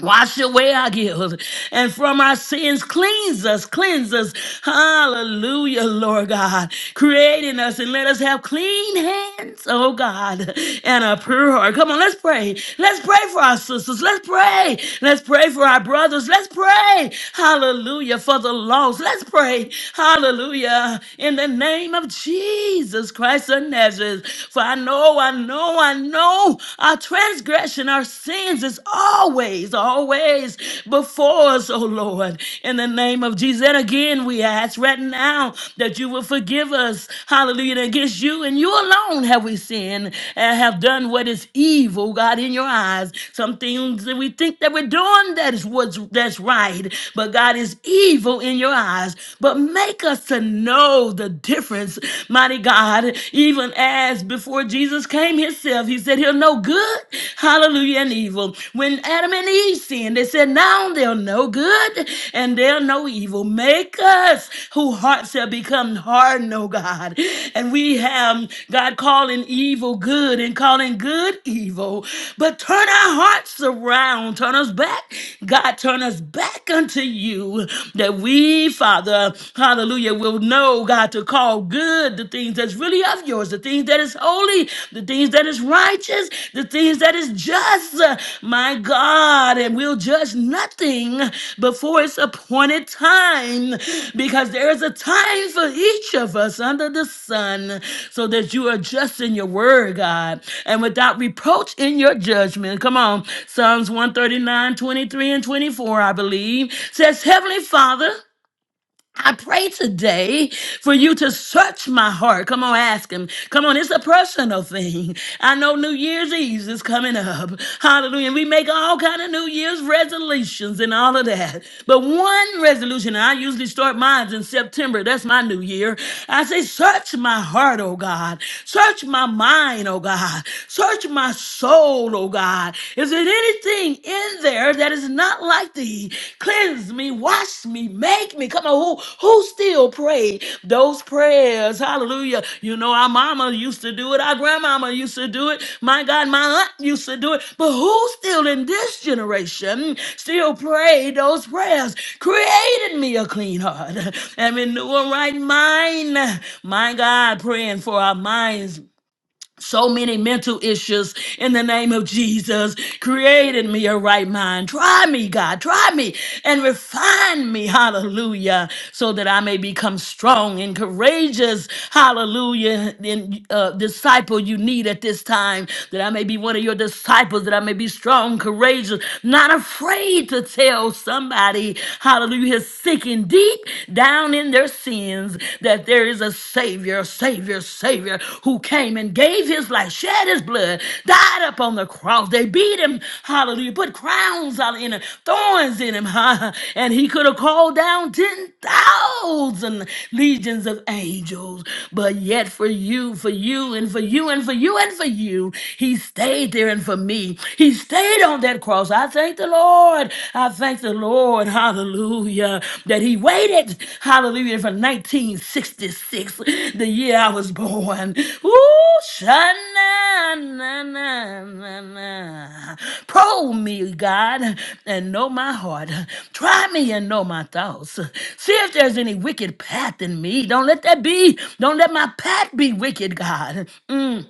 A: Wash away our guilt and from our sins cleanse us, cleanse us. Hallelujah, Lord God. Create in us and let us have clean hands, oh God, and a pure heart. Come on, let's pray. Let's pray for our sisters. Let's pray. Let's pray for our brothers. Let's pray. Hallelujah, for the lost. Let's pray. Hallelujah, in the name of Jesus Christ of Nazareth. For I know, I know, I know. Our transgression, our sins is always, always before us, oh Lord. In the name of Jesus. And again, we ask right now that you will forgive us. Hallelujah. And against you and you alone have we sinned and have done what is evil, God, in your eyes. Some things that we think that we're doing that is what's that's right, but God is evil in your eyes. But make us to know the difference, mighty God, even as as before Jesus came himself. He said he'll know good, hallelujah, and evil. When Adam and Eve sinned, they said, now they'll know good and they'll know evil. Make us who hearts have become hardened, oh God. And we have God calling evil good and calling good evil. But turn our hearts around. Turn us back. God, turn us back unto you that we, Father, hallelujah, will know, God, to call good the things that's really of yours, the things that is holy, the things that is righteous, the things that is just. uh, My God, and we'll judge nothing before its appointed time because there is a time for each of us under the sun so that you are just in your word, God, and without reproach in your judgment. Come on. Psalms one thirty nine twenty three and 24, I believe, says, Heavenly Father. I pray today for you to search my heart. Come on, ask him. Come on, it's a personal thing. I know New Year's Eve is coming up. Hallelujah. We make all kind of New Year's resolutions and all of that. But one resolution, and I usually start mine in September. That's my new year. I say, search my heart, oh God. Search my mind, oh God. Search my soul, oh God. Is it anything anything in there that is not like thee. Cleanse me, wash me, make me. Come on, who who still pray those prayers? Hallelujah. You know, our mama used to do it, our grandmama used to do it, my God, my aunt used to do it. But who still in this generation still pray those prayers? Created me a clean heart (laughs) and renew a right mind. My God, praying for our minds so many mental issues in the name of Jesus. Created me a right mind. Try me, God. Try me and refine me. Hallelujah. So that I may become strong and courageous. Hallelujah. And uh, disciple you need at this time. That I may be one of your disciples. That I may be strong, courageous, not afraid to tell somebody. Hallelujah. Sick and deep down in their in their sins that there is a Savior, Savior, Savior who came and gave his life, shed his blood, died upon the cross. They beat him, hallelujah, put crowns on him, thorns in him, (laughs) huh? and he could have called down 10,000 legions of angels. But yet, for you, for you, and for you, and for you, and for you, he stayed there. And for me, he stayed on that cross. I thank the thank the Lord. I thank the Lord. Hallelujah. That he waited. Hallelujah. For 1966, the year I was born. Ooh, shana, na, na, na, na. Probe me, God, and know my heart. Try me and know my thoughts. See if there's any wicked path in me. Don't let that be. Don't let my path be wicked, God. Mm.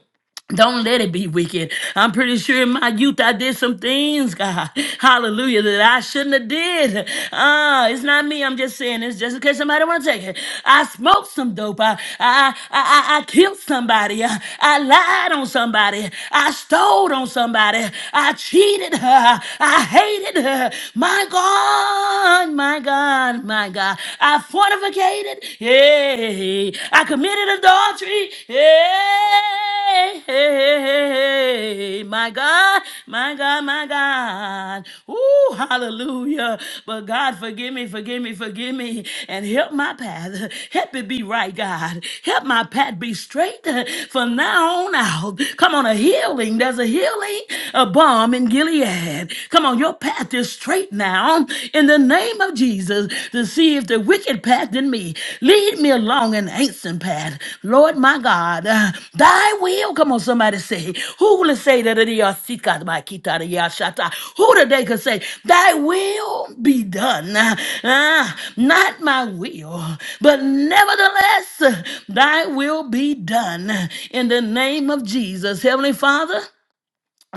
A: Don't let it be wicked. I'm pretty sure in my youth I did some things, God. Hallelujah, that I shouldn't have did. Uh, it's not me. I'm just saying this just in case somebody want to take it. I smoked some dope. I, I, I, I, I killed somebody. I, I lied on somebody. I stole on somebody. I cheated her. I hated her. My God, my God, my God. I fornicated. Yeah. Hey, I committed adultery. Hey, hey, my God, my God, my God. Ooh, hallelujah. But God, forgive me, forgive me, forgive me, and help my path. Help it be right, God. Help my path be straight uh, from now on out. Come on, a healing. There's a healing, a balm in Gilead. Come on, your path is straight now down in the name of Jesus to see if the wicked path in me lead me along an ancient path. Lord my God, uh, thy will. Come on, somebody say, who will say that it is seeker by kita the yashata? Who today could say, thy will be done? Uh, uh, not my will, but nevertheless, uh, thy will be done in the name of Jesus. Heavenly Father,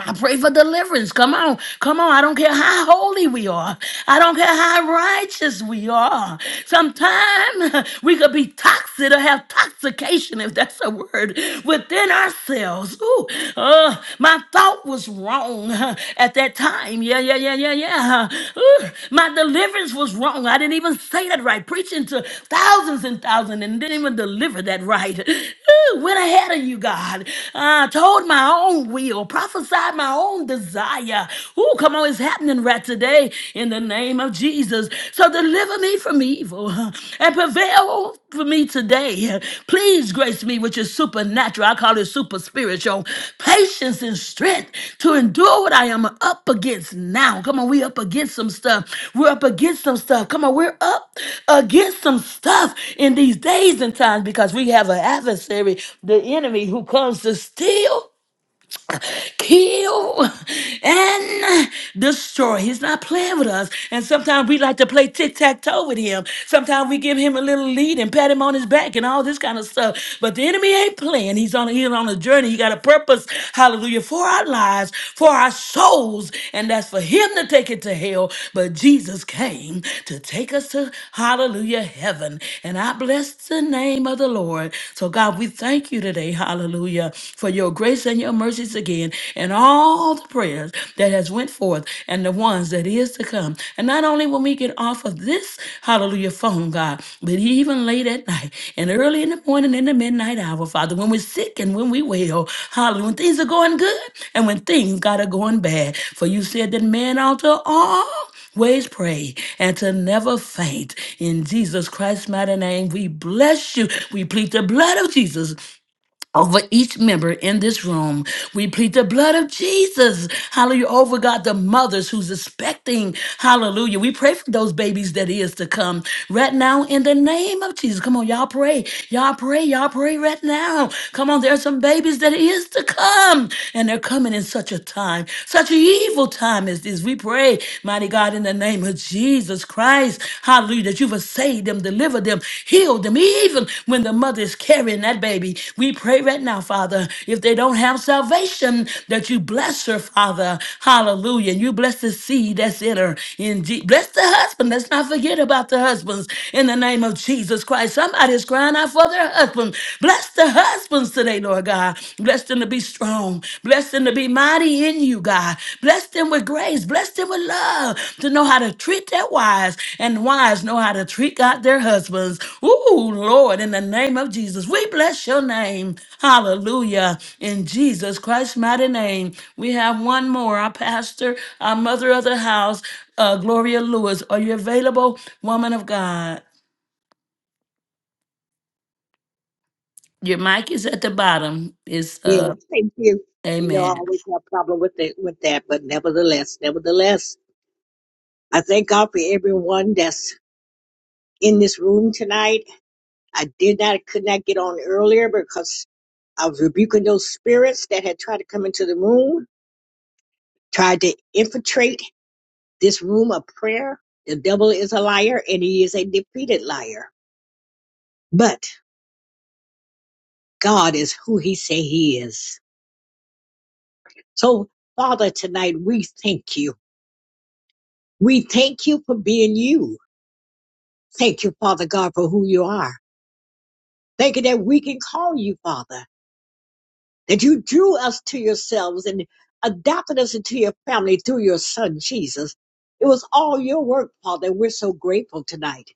A: I pray for deliverance. Come on. Come on. I don't care how holy we are. I don't care how righteous we are. Sometimes (laughs) we could be toxic or have toxication, if that's a word, within ourselves. Ooh, uh, my thought was wrong (laughs) at that time. Yeah, yeah, yeah, yeah, yeah. Ooh, my deliverance was wrong. I didn't even say that right. Preaching to thousands and thousands and didn't even deliver that right. (laughs) Ooh, went ahead of you, God. Uh, told my own will will, prophesy my own desire. Ooh, come on, it's happening right today in the name of Jesus. So deliver me from evil huh? and prevail for me today. Please grace me with your supernatural, I call it super spiritual, patience and strength to endure what I am up against now. Come on, we up against some stuff. We're up against some stuff. Come on, we're up against some stuff in these days and times because we have an adversary, the enemy, who comes to steal kill, and destroy. He's not playing with us. And sometimes we like to play tic tac toe with him. Sometimes we give him a little lead and pat him on his back and all this kind of stuff. But the enemy ain't playing. He's on, he's on a journey. He got a purpose, hallelujah, for our lives, for our souls. And that's for him to take it to hell. But Jesus came to take us to, hallelujah, heaven. And I bless the name of the Lord. So, God, we thank you today, hallelujah, for your grace and your mercies again and all the prayers that has went forth and the ones that is to come. And not only when we get off of this hallelujah phone, God, but even late at night and early in the morning in the midnight hour, Father, when we're sick and when we wail, hallelujah, when things are going good and when things God are going bad. For you said that man ought to always pray and to never faint. In Jesus Christ's mighty name, we bless you. We plead the blood of Jesus over each member in this room. We plead the blood of Jesus. Hallelujah. Over God, the mothers who's expecting. Hallelujah. We pray for those babies that is to come right now in the name of Jesus. Come on, y'all pray. Y'all pray. Y'all pray right now. Come on, there are some babies that is to come. And they're coming in such a time, such an evil time as this. We pray, mighty God, in the name of Jesus. Christ. Hallelujah. That you've saved them, delivered them, healed them, even when the mother is carrying that baby. We pray right now, Father, if they don't have salvation, that you bless her, Father. Hallelujah. And you bless the seed that's in her. In Je- bless the husband. Let's not forget about the husbands in the name of Jesus Christ. Somebody's crying out for their husband. Bless the husbands today, Lord God. Bless them to be strong own. Bless them to be mighty in you, God. Bless them with grace. Bless them with love to know how to treat their wives and wives know how to treat God their husbands. Ooh, Lord, in the name of Jesus, we bless your name. Hallelujah. In Jesus Christ's mighty name, we have one more. Our pastor, our mother of the house, uh, Gloria Lewis. Are you available, woman of God? Your mic is at the bottom. It's
K: Yeah,
A: uh,
K: thank you. You know, I
A: Amen.
K: always have a problem with it, with that, but nevertheless, nevertheless, I thank God for everyone that's in this room tonight. I did not, could not get on earlier because I was rebuking those spirits that had tried to come into the room, tried to infiltrate this room of prayer. The devil is a liar and he is a defeated liar. But God is who he say he is. So Father, tonight we thank you. We thank you for being you. Thank you, Father God, for who you are. Thank you that we can call you Father, that you drew us to yourselves and adopted us into your family through your son, Jesus. It was all your work, Father. and We're so grateful tonight.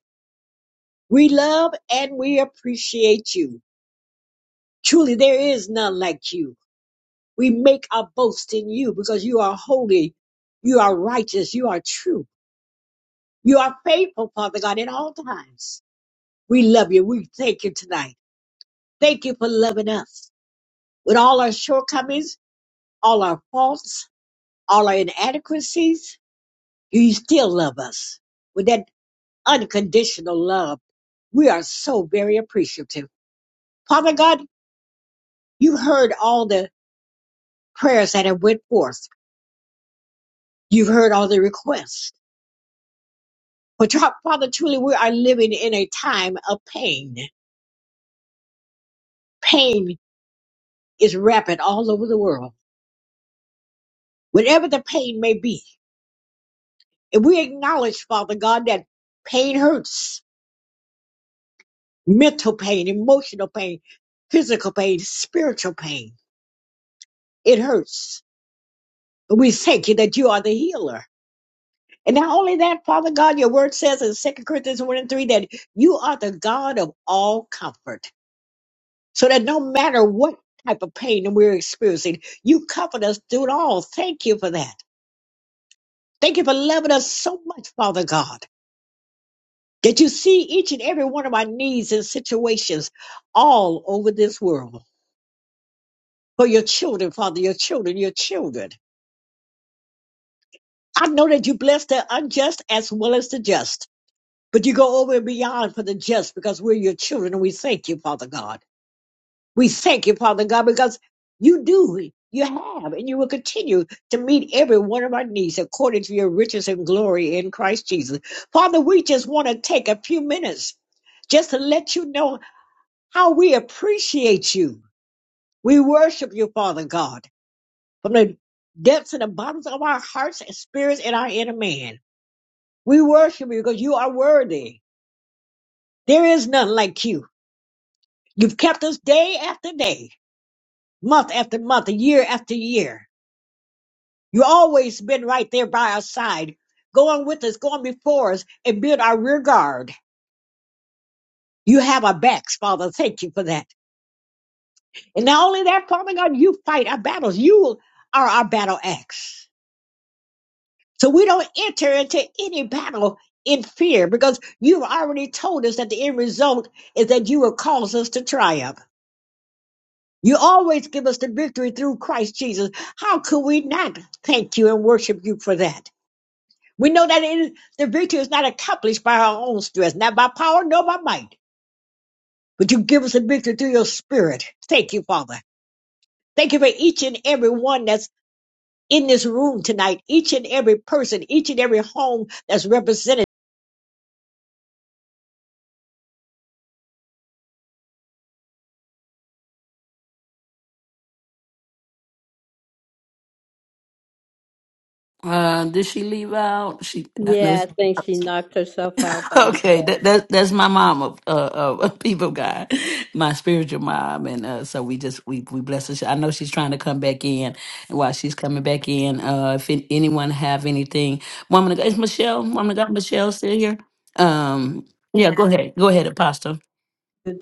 K: We love and we appreciate you. Truly, there is none like you. We make our boast in you because you are holy, you are righteous, you are true, you are faithful, Father God, at all times. We love you. We thank you tonight. Thank you for loving us. with all our shortcomings, all our faults, all our inadequacies, you still love us with that unconditional love. We are so very appreciative. Father God, you have heard all the prayers that have went forth. You've heard all the requests. But Father, truly, we are living in a time of pain. Pain is rampant all over the world, whatever the pain may be. And we acknowledge, Father God, that pain hurts mental pain, emotional pain, physical pain, spiritual pain. It hurts. But we thank you that you are the healer. And not only that, Father God, your word says in Second Corinthians 1 and 3 that you are the God of all comfort. So that no matter what type of pain that we're experiencing, you comfort us through it all. Thank you for that. Thank you for loving us so much, Father God, that you see each and every one of our needs and situations all over this world. For your children, Father, your children, your children. I know that you bless the unjust as well as the just, but you go over and beyond for the just because we're your children and we thank you, Father God. We thank you, Father God, because you do, you have, and you will continue to meet every one of our needs according to your riches and glory in Christ Jesus. Father, we just want to take a few minutes just to let you know how we appreciate you. We worship you, Father God, from the depths and the bottoms of our hearts and spirits and our inner man. We worship you because you are worthy. There is none like you. You've kept us day after day, month after month, year after year. You've always been right there by our side, going with us, going before us, and being our rear guard. You have our backs, Father. Thank you for that. And not only that, Father God, you fight our battles. You are our battle axe. So we don't enter into any battle in fear because you've already told us that the end result is that you will cause us to triumph. You always give us the victory through Christ Jesus. How could we not thank you and worship you for that? We know that it is, the victory is not accomplished by our own strength, not by power, nor by might, but you give us the victory through your spirit. Thank you, Father. Thank you for each and every one that's in this room tonight, each and every person, each and every home that's represented.
A: Uh, did she leave out? She, I know.
G: Yeah,
A: (laughs)
G: I think she knocked herself out by
A: Okay,
G: mistake.
A: that, that that's my mom of uh, of (laughs) people of God, my spiritual mom, and uh, so we just we we bless her. I know she's trying to come back in, and while she's coming back in, uh, if an- anyone have anything, woman, of God- is Michelle, woman, of God, Michelle still here? Um, yeah, go ahead, go ahead, Apostle.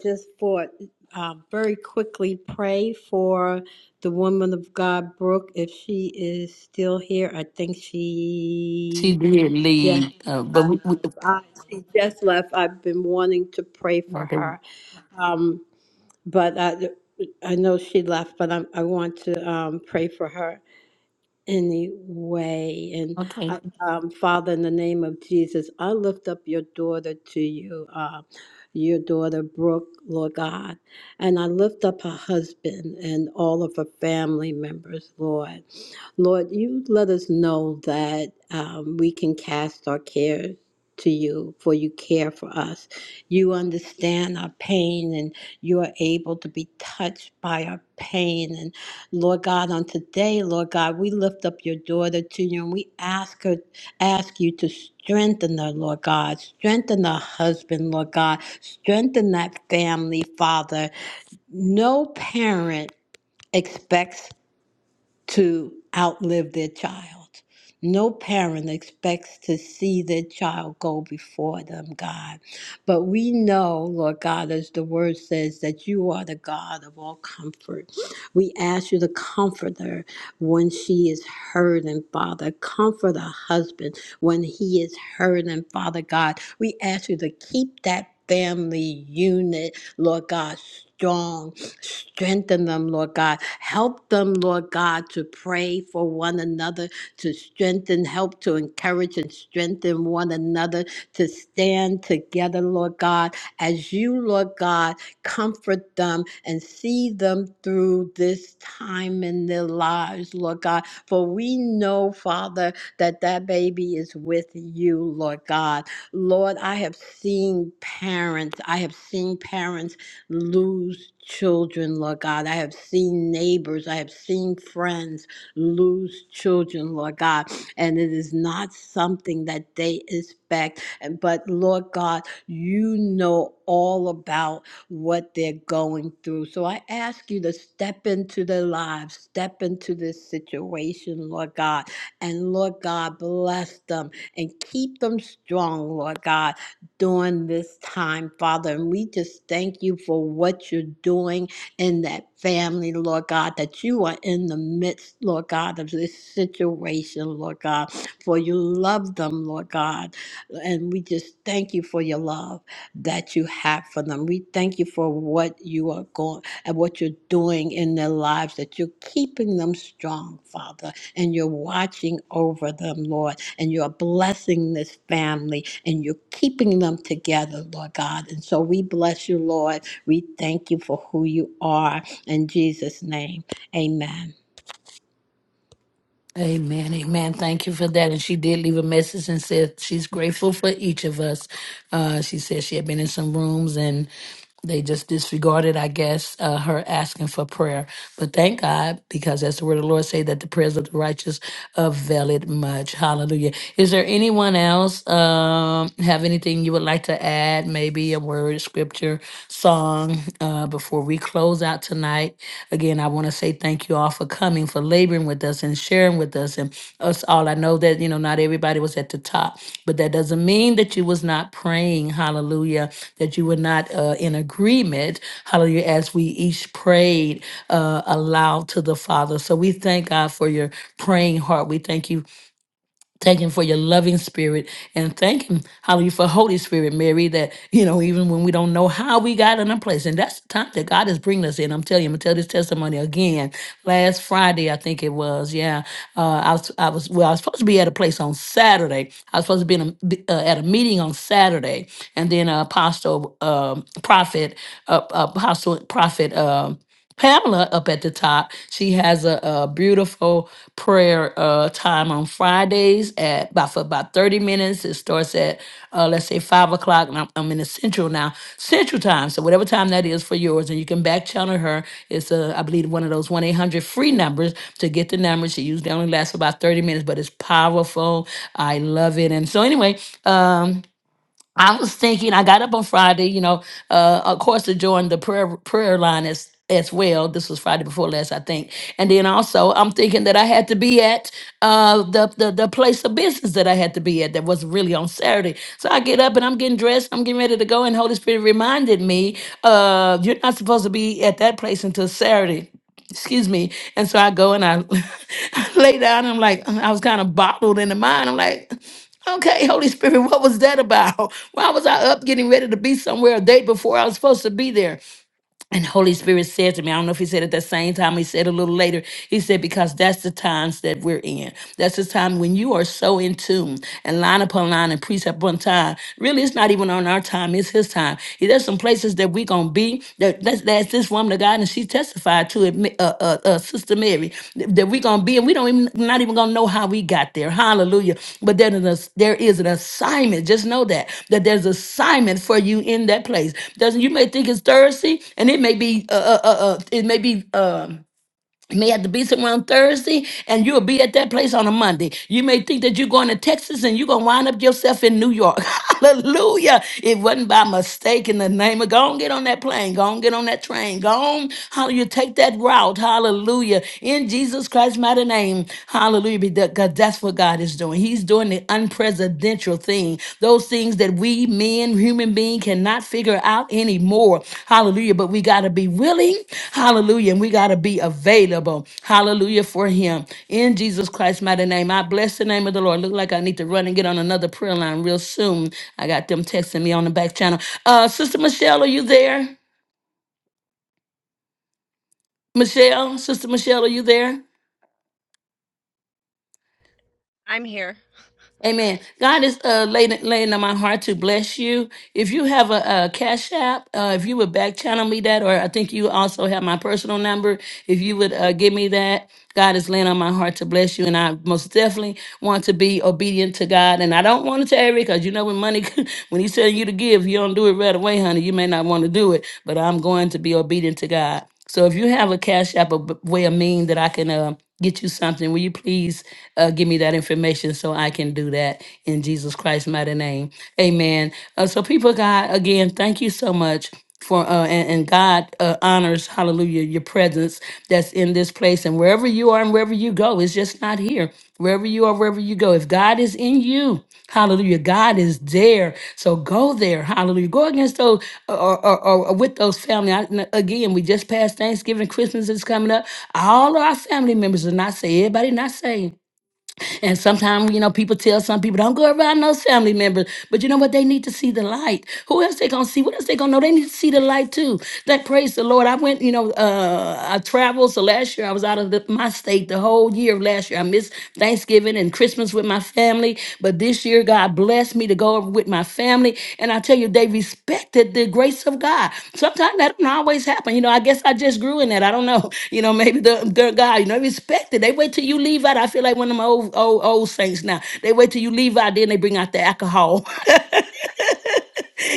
G: just for uh, very quickly pray for the woman of God, Brooke, if she is still here. I think she
A: She did
G: just
A: leave, uh, but
G: left.
A: we, we
G: I, she just left. I've been wanting to pray for
A: okay,
G: her, um, but I, I know she left. But I'm, I want to um, pray for her any way. And
A: okay.
G: I, um, Father, in the name of Jesus, I lift up your daughter to you, uh, your daughter Brooke, Lord God, and I lift up her husband and all of her family members, Lord. Lord, you let us know that um, we can cast our cares to you, for you care for us. You understand our pain, and you are able to be touched by our pain. And Lord God, on today, Lord God, we lift up your daughter to you, and we ask her, ask you to strengthen her, Lord God, strengthen her husband, Lord God, strengthen that family, Father. No parent expects to outlive their child. No parent expects to see their child go before them, God. But we know, Lord God, as the word says, that you are the God of all comfort. We ask you to comfort her when she is hurting, Father. Comfort her husband when he is hurting, Father God. We ask you to keep that family unit, Lord God, strong. Strengthen them, Lord God. Help them, Lord God, to pray for one another, to strengthen, help to encourage and strengthen one another, to stand together, Lord God, as you, Lord God, comfort them and see them through this time in their lives, Lord God. For we know, Father, that that baby is with you, Lord God. Lord, I have seen parents, I have seen parents lose children, Lord God. I have seen neighbors, I have seen friends lose children, Lord God. And it is not something that they expect. And but Lord God, you know all about what they're going through. So I ask you to step into their lives, step into this situation, Lord God. And Lord God, bless them and keep them strong, Lord God during this time, Father. And we just thank you for what you're doing in that family, Lord God, that you are in the midst, Lord God, of this situation, Lord God, for you love them, Lord God. And we just thank you for your love that you have for them. We thank you for what you are going and what you're doing in their lives, that you're keeping them strong, Father, and you're watching over them, Lord and you're blessing this family and you're keeping them together, Lord God. And so we bless you, Lord. We thank you for who you are. In Jesus' name, amen.
A: Amen, amen. Thank you for that. And she did leave a message and said she's grateful for each of us. Uh, she said she had been in some rooms and they just disregarded, I guess, uh, her asking for prayer. But thank God, because as the word of the Lord say that the prayers of the righteous avail it much. Hallelujah. Is there anyone else um, have anything you would like to add? Maybe a word, scripture, song uh, before we close out tonight. Again, I want to say thank you all for coming, for laboring with us and sharing with us and us all. I know that, you know, not everybody was at the top, but that doesn't mean that you was not praying, hallelujah, that you were not uh, in agreement, hallelujah, as we each prayed uh, aloud to the Father. So we thank God for your praying heart. We thank you Thank him for your loving spirit and thank him, hallelujah, for Holy Spirit, Mary, that, you know, even when we don't know how we got in a place. And that's the time that God is bringing us in. I'm telling you, I'm going to tell this testimony again. Last Friday, I think it was, yeah. Uh, I, was, I was, well, I was supposed to be at a place on Saturday. I was supposed to be in a, be- uh, at a meeting on Saturday. And then uh, Apostle, um prophet, uh, Apostle, prophet, um Pamela up at the top. She has a, a beautiful prayer uh, time on Fridays at about for about thirty minutes. It starts at uh, let's say five o'clock, and I'm, I'm in the central now, central time. So whatever time that is for yours, and you can back channel her. It's a I believe one of those one eight hundred free numbers to get the number. She usually only lasts about thirty minutes, but it's powerful. I love it. And so anyway, um, I was thinking. I got up on Friday. You know, uh, of course, to join the prayer prayer line as as well. This was Friday before last, I think. And then also, I'm thinking that I had to be at uh, the, the the place of business that I had to be at. That was really on Saturday. So I get up and I'm getting dressed. I'm getting ready to go. And Holy Spirit reminded me, uh, you're not supposed to be at that place until Saturday excuse me. And so I go and I (laughs) I lay down. I'm like, I was kind of bottled in the mind. I'm like, okay, Holy Spirit, what was that about? (laughs) Why was I up getting ready to be somewhere a day before I was supposed to be there? And Holy Spirit said to me, I don't know if he said at that same time, he said a little later, he said, because that's the times that we're in. That's the time when you are so in tune and line upon line and precept upon time. Really, it's not even on our time, it's his time. There's some places that we're going to be. That, that's, that's this woman of God, and she's she testified to it, uh, uh, uh, Sister Mary, that we're gonna be, and we don't even not even gonna know how we got there. Hallelujah! But there is a, there is an assignment. Just know that that there's assignment for you in that place. Doesn't you may think it's Thursday, and it may be uh, uh, uh, uh, it may be. Um, may have to be somewhere on Thursday, and you'll be at that place on a Monday. You may think that you're going to Texas and you're going to wind up yourself in New York. (laughs) Hallelujah. It wasn't by mistake in the name of go on, get on that plane, go on, get on that train, go on. Hallelujah. Take that route. Hallelujah. In Jesus Christ's mighty name. Hallelujah. Because that's what God is doing. He's doing the unprecedented presidential thing, those things that we men, human being, cannot figure out anymore. Hallelujah. But we got to be willing. Hallelujah. And we got to be available. Hallelujah for him. In Jesus Christ's mighty name, I bless the name of the Lord. Look like I need to run and get on another prayer line real soon. I got them texting me on the back channel. Uh, Sister Michelle, are you there? Michelle, Sister Michelle, are you there?
F: I'm here.
A: Amen. God is uh, laying, laying on my heart to bless you. If you have a, a cash app, uh, if you would back channel me that, or I think you also have my personal number, if you would uh, give me that, God is laying on my heart to bless you. And I most definitely want to be obedient to God. And I don't want to tell you because you know when money, (laughs) when He's telling you to give, you don't do it right away, honey. You may not want to do it, but I'm going to be obedient to God. So if you have a cash app, a b- way of mean that I can uh, get you something, will you please uh, give me that information so I can do that in Jesus Christ's mighty name? Amen. Uh, so people, of God, again, thank you so much. For, uh, and, and God uh, honors, hallelujah, your presence that's in this place. And wherever you are and wherever you go, it's just not here. Wherever you are, wherever you go, if God is in you, hallelujah, God is there. So go there, hallelujah. Go against those or, or, or- or with those family. I, n- again, we just passed Thanksgiving, Christmas is coming up. All of our family members are not saved. Everybody not saved. And sometimes, you know, people tell some people, don't go around those family members. But you know what? They need to see the light. Who else they gonna see? What else they gonna know? They need to see the light too. That praise the Lord. I went, you know, uh I traveled. So last year I was out of the, my state the whole year of last year. I missed Thanksgiving and Christmas with my family. but. But this year, God blessed me to go over with my family. And I tell you, they respected the grace of God. Sometimes that don't always happen. You know, I guess I just grew in that. I don't know. (laughs) You know, maybe the, the God, you know, respected. They wait till you leave out. I feel like one of my old old old saints now. They wait till you leave out, then they bring out the alcohol. (laughs)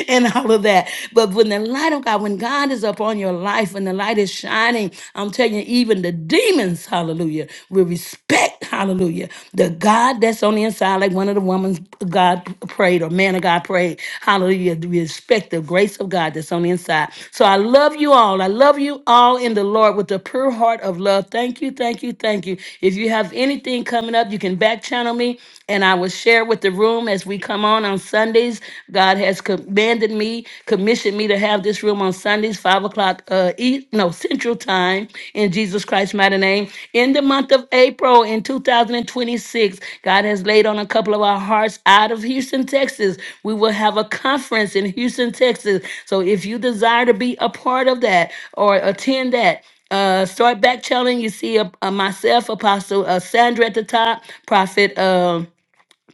A: (laughs) and all of that. But when the light of God, when God is upon your life, when the light is shining, I'm telling you, even the demons, hallelujah, will respect, hallelujah, the God that's on the inside, like one of the women's God prayed or man of God prayed, hallelujah, to respect the grace of God that's on the inside. So I love you all. I love you all in the Lord with a pure heart of love. Thank you, thank you, thank you. If you have anything coming up, you can back channel me and I will share with the room as we come on on on Sundays. God has commanded me, commissioned me to have this room on Sundays, five o'clock, uh, eat, no Central Time, in Jesus Christ's mighty name. In the month of April in 2026, God has laid on a couple of our hearts out of Houston, Texas. We will have a conference in Houston, Texas. So if you desire to be a part of that or attend that, uh, start back channeling. You see uh, uh, myself, Apostle uh, Sandra at the top, Prophet. um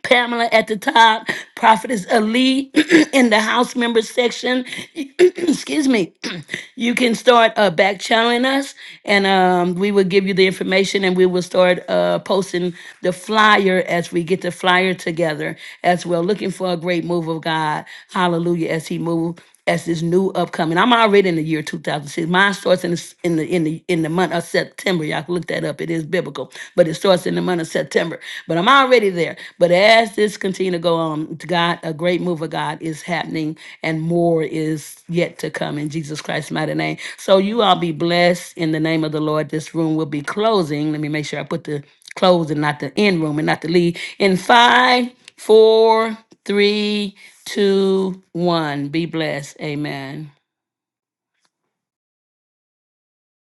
A: Pamela at the top, Prophetess Ali (clears throat) in the house members section. (clears throat) Excuse me. (clears throat) You can start uh, back channeling us, and um, we will give you the information, and we will start uh, posting the flyer as we get the flyer together as well. Looking for a great move of God. Hallelujah! As He moves as this new upcoming. I'm already in the year 2006. Mine starts in the s- in the in the in the month of September. Y'all can look that up. It is biblical, but it starts in the month of September. But I'm already there. But as this continue to go on, to God, a great move of God is happening, and more is yet to come in Jesus Christ's mighty name. So you all be blessed in the name of the Lord. This room will be closing. Let me make sure I put the close and not the end room and not the lead in five. Four, three, two, one. Be blessed. Amen.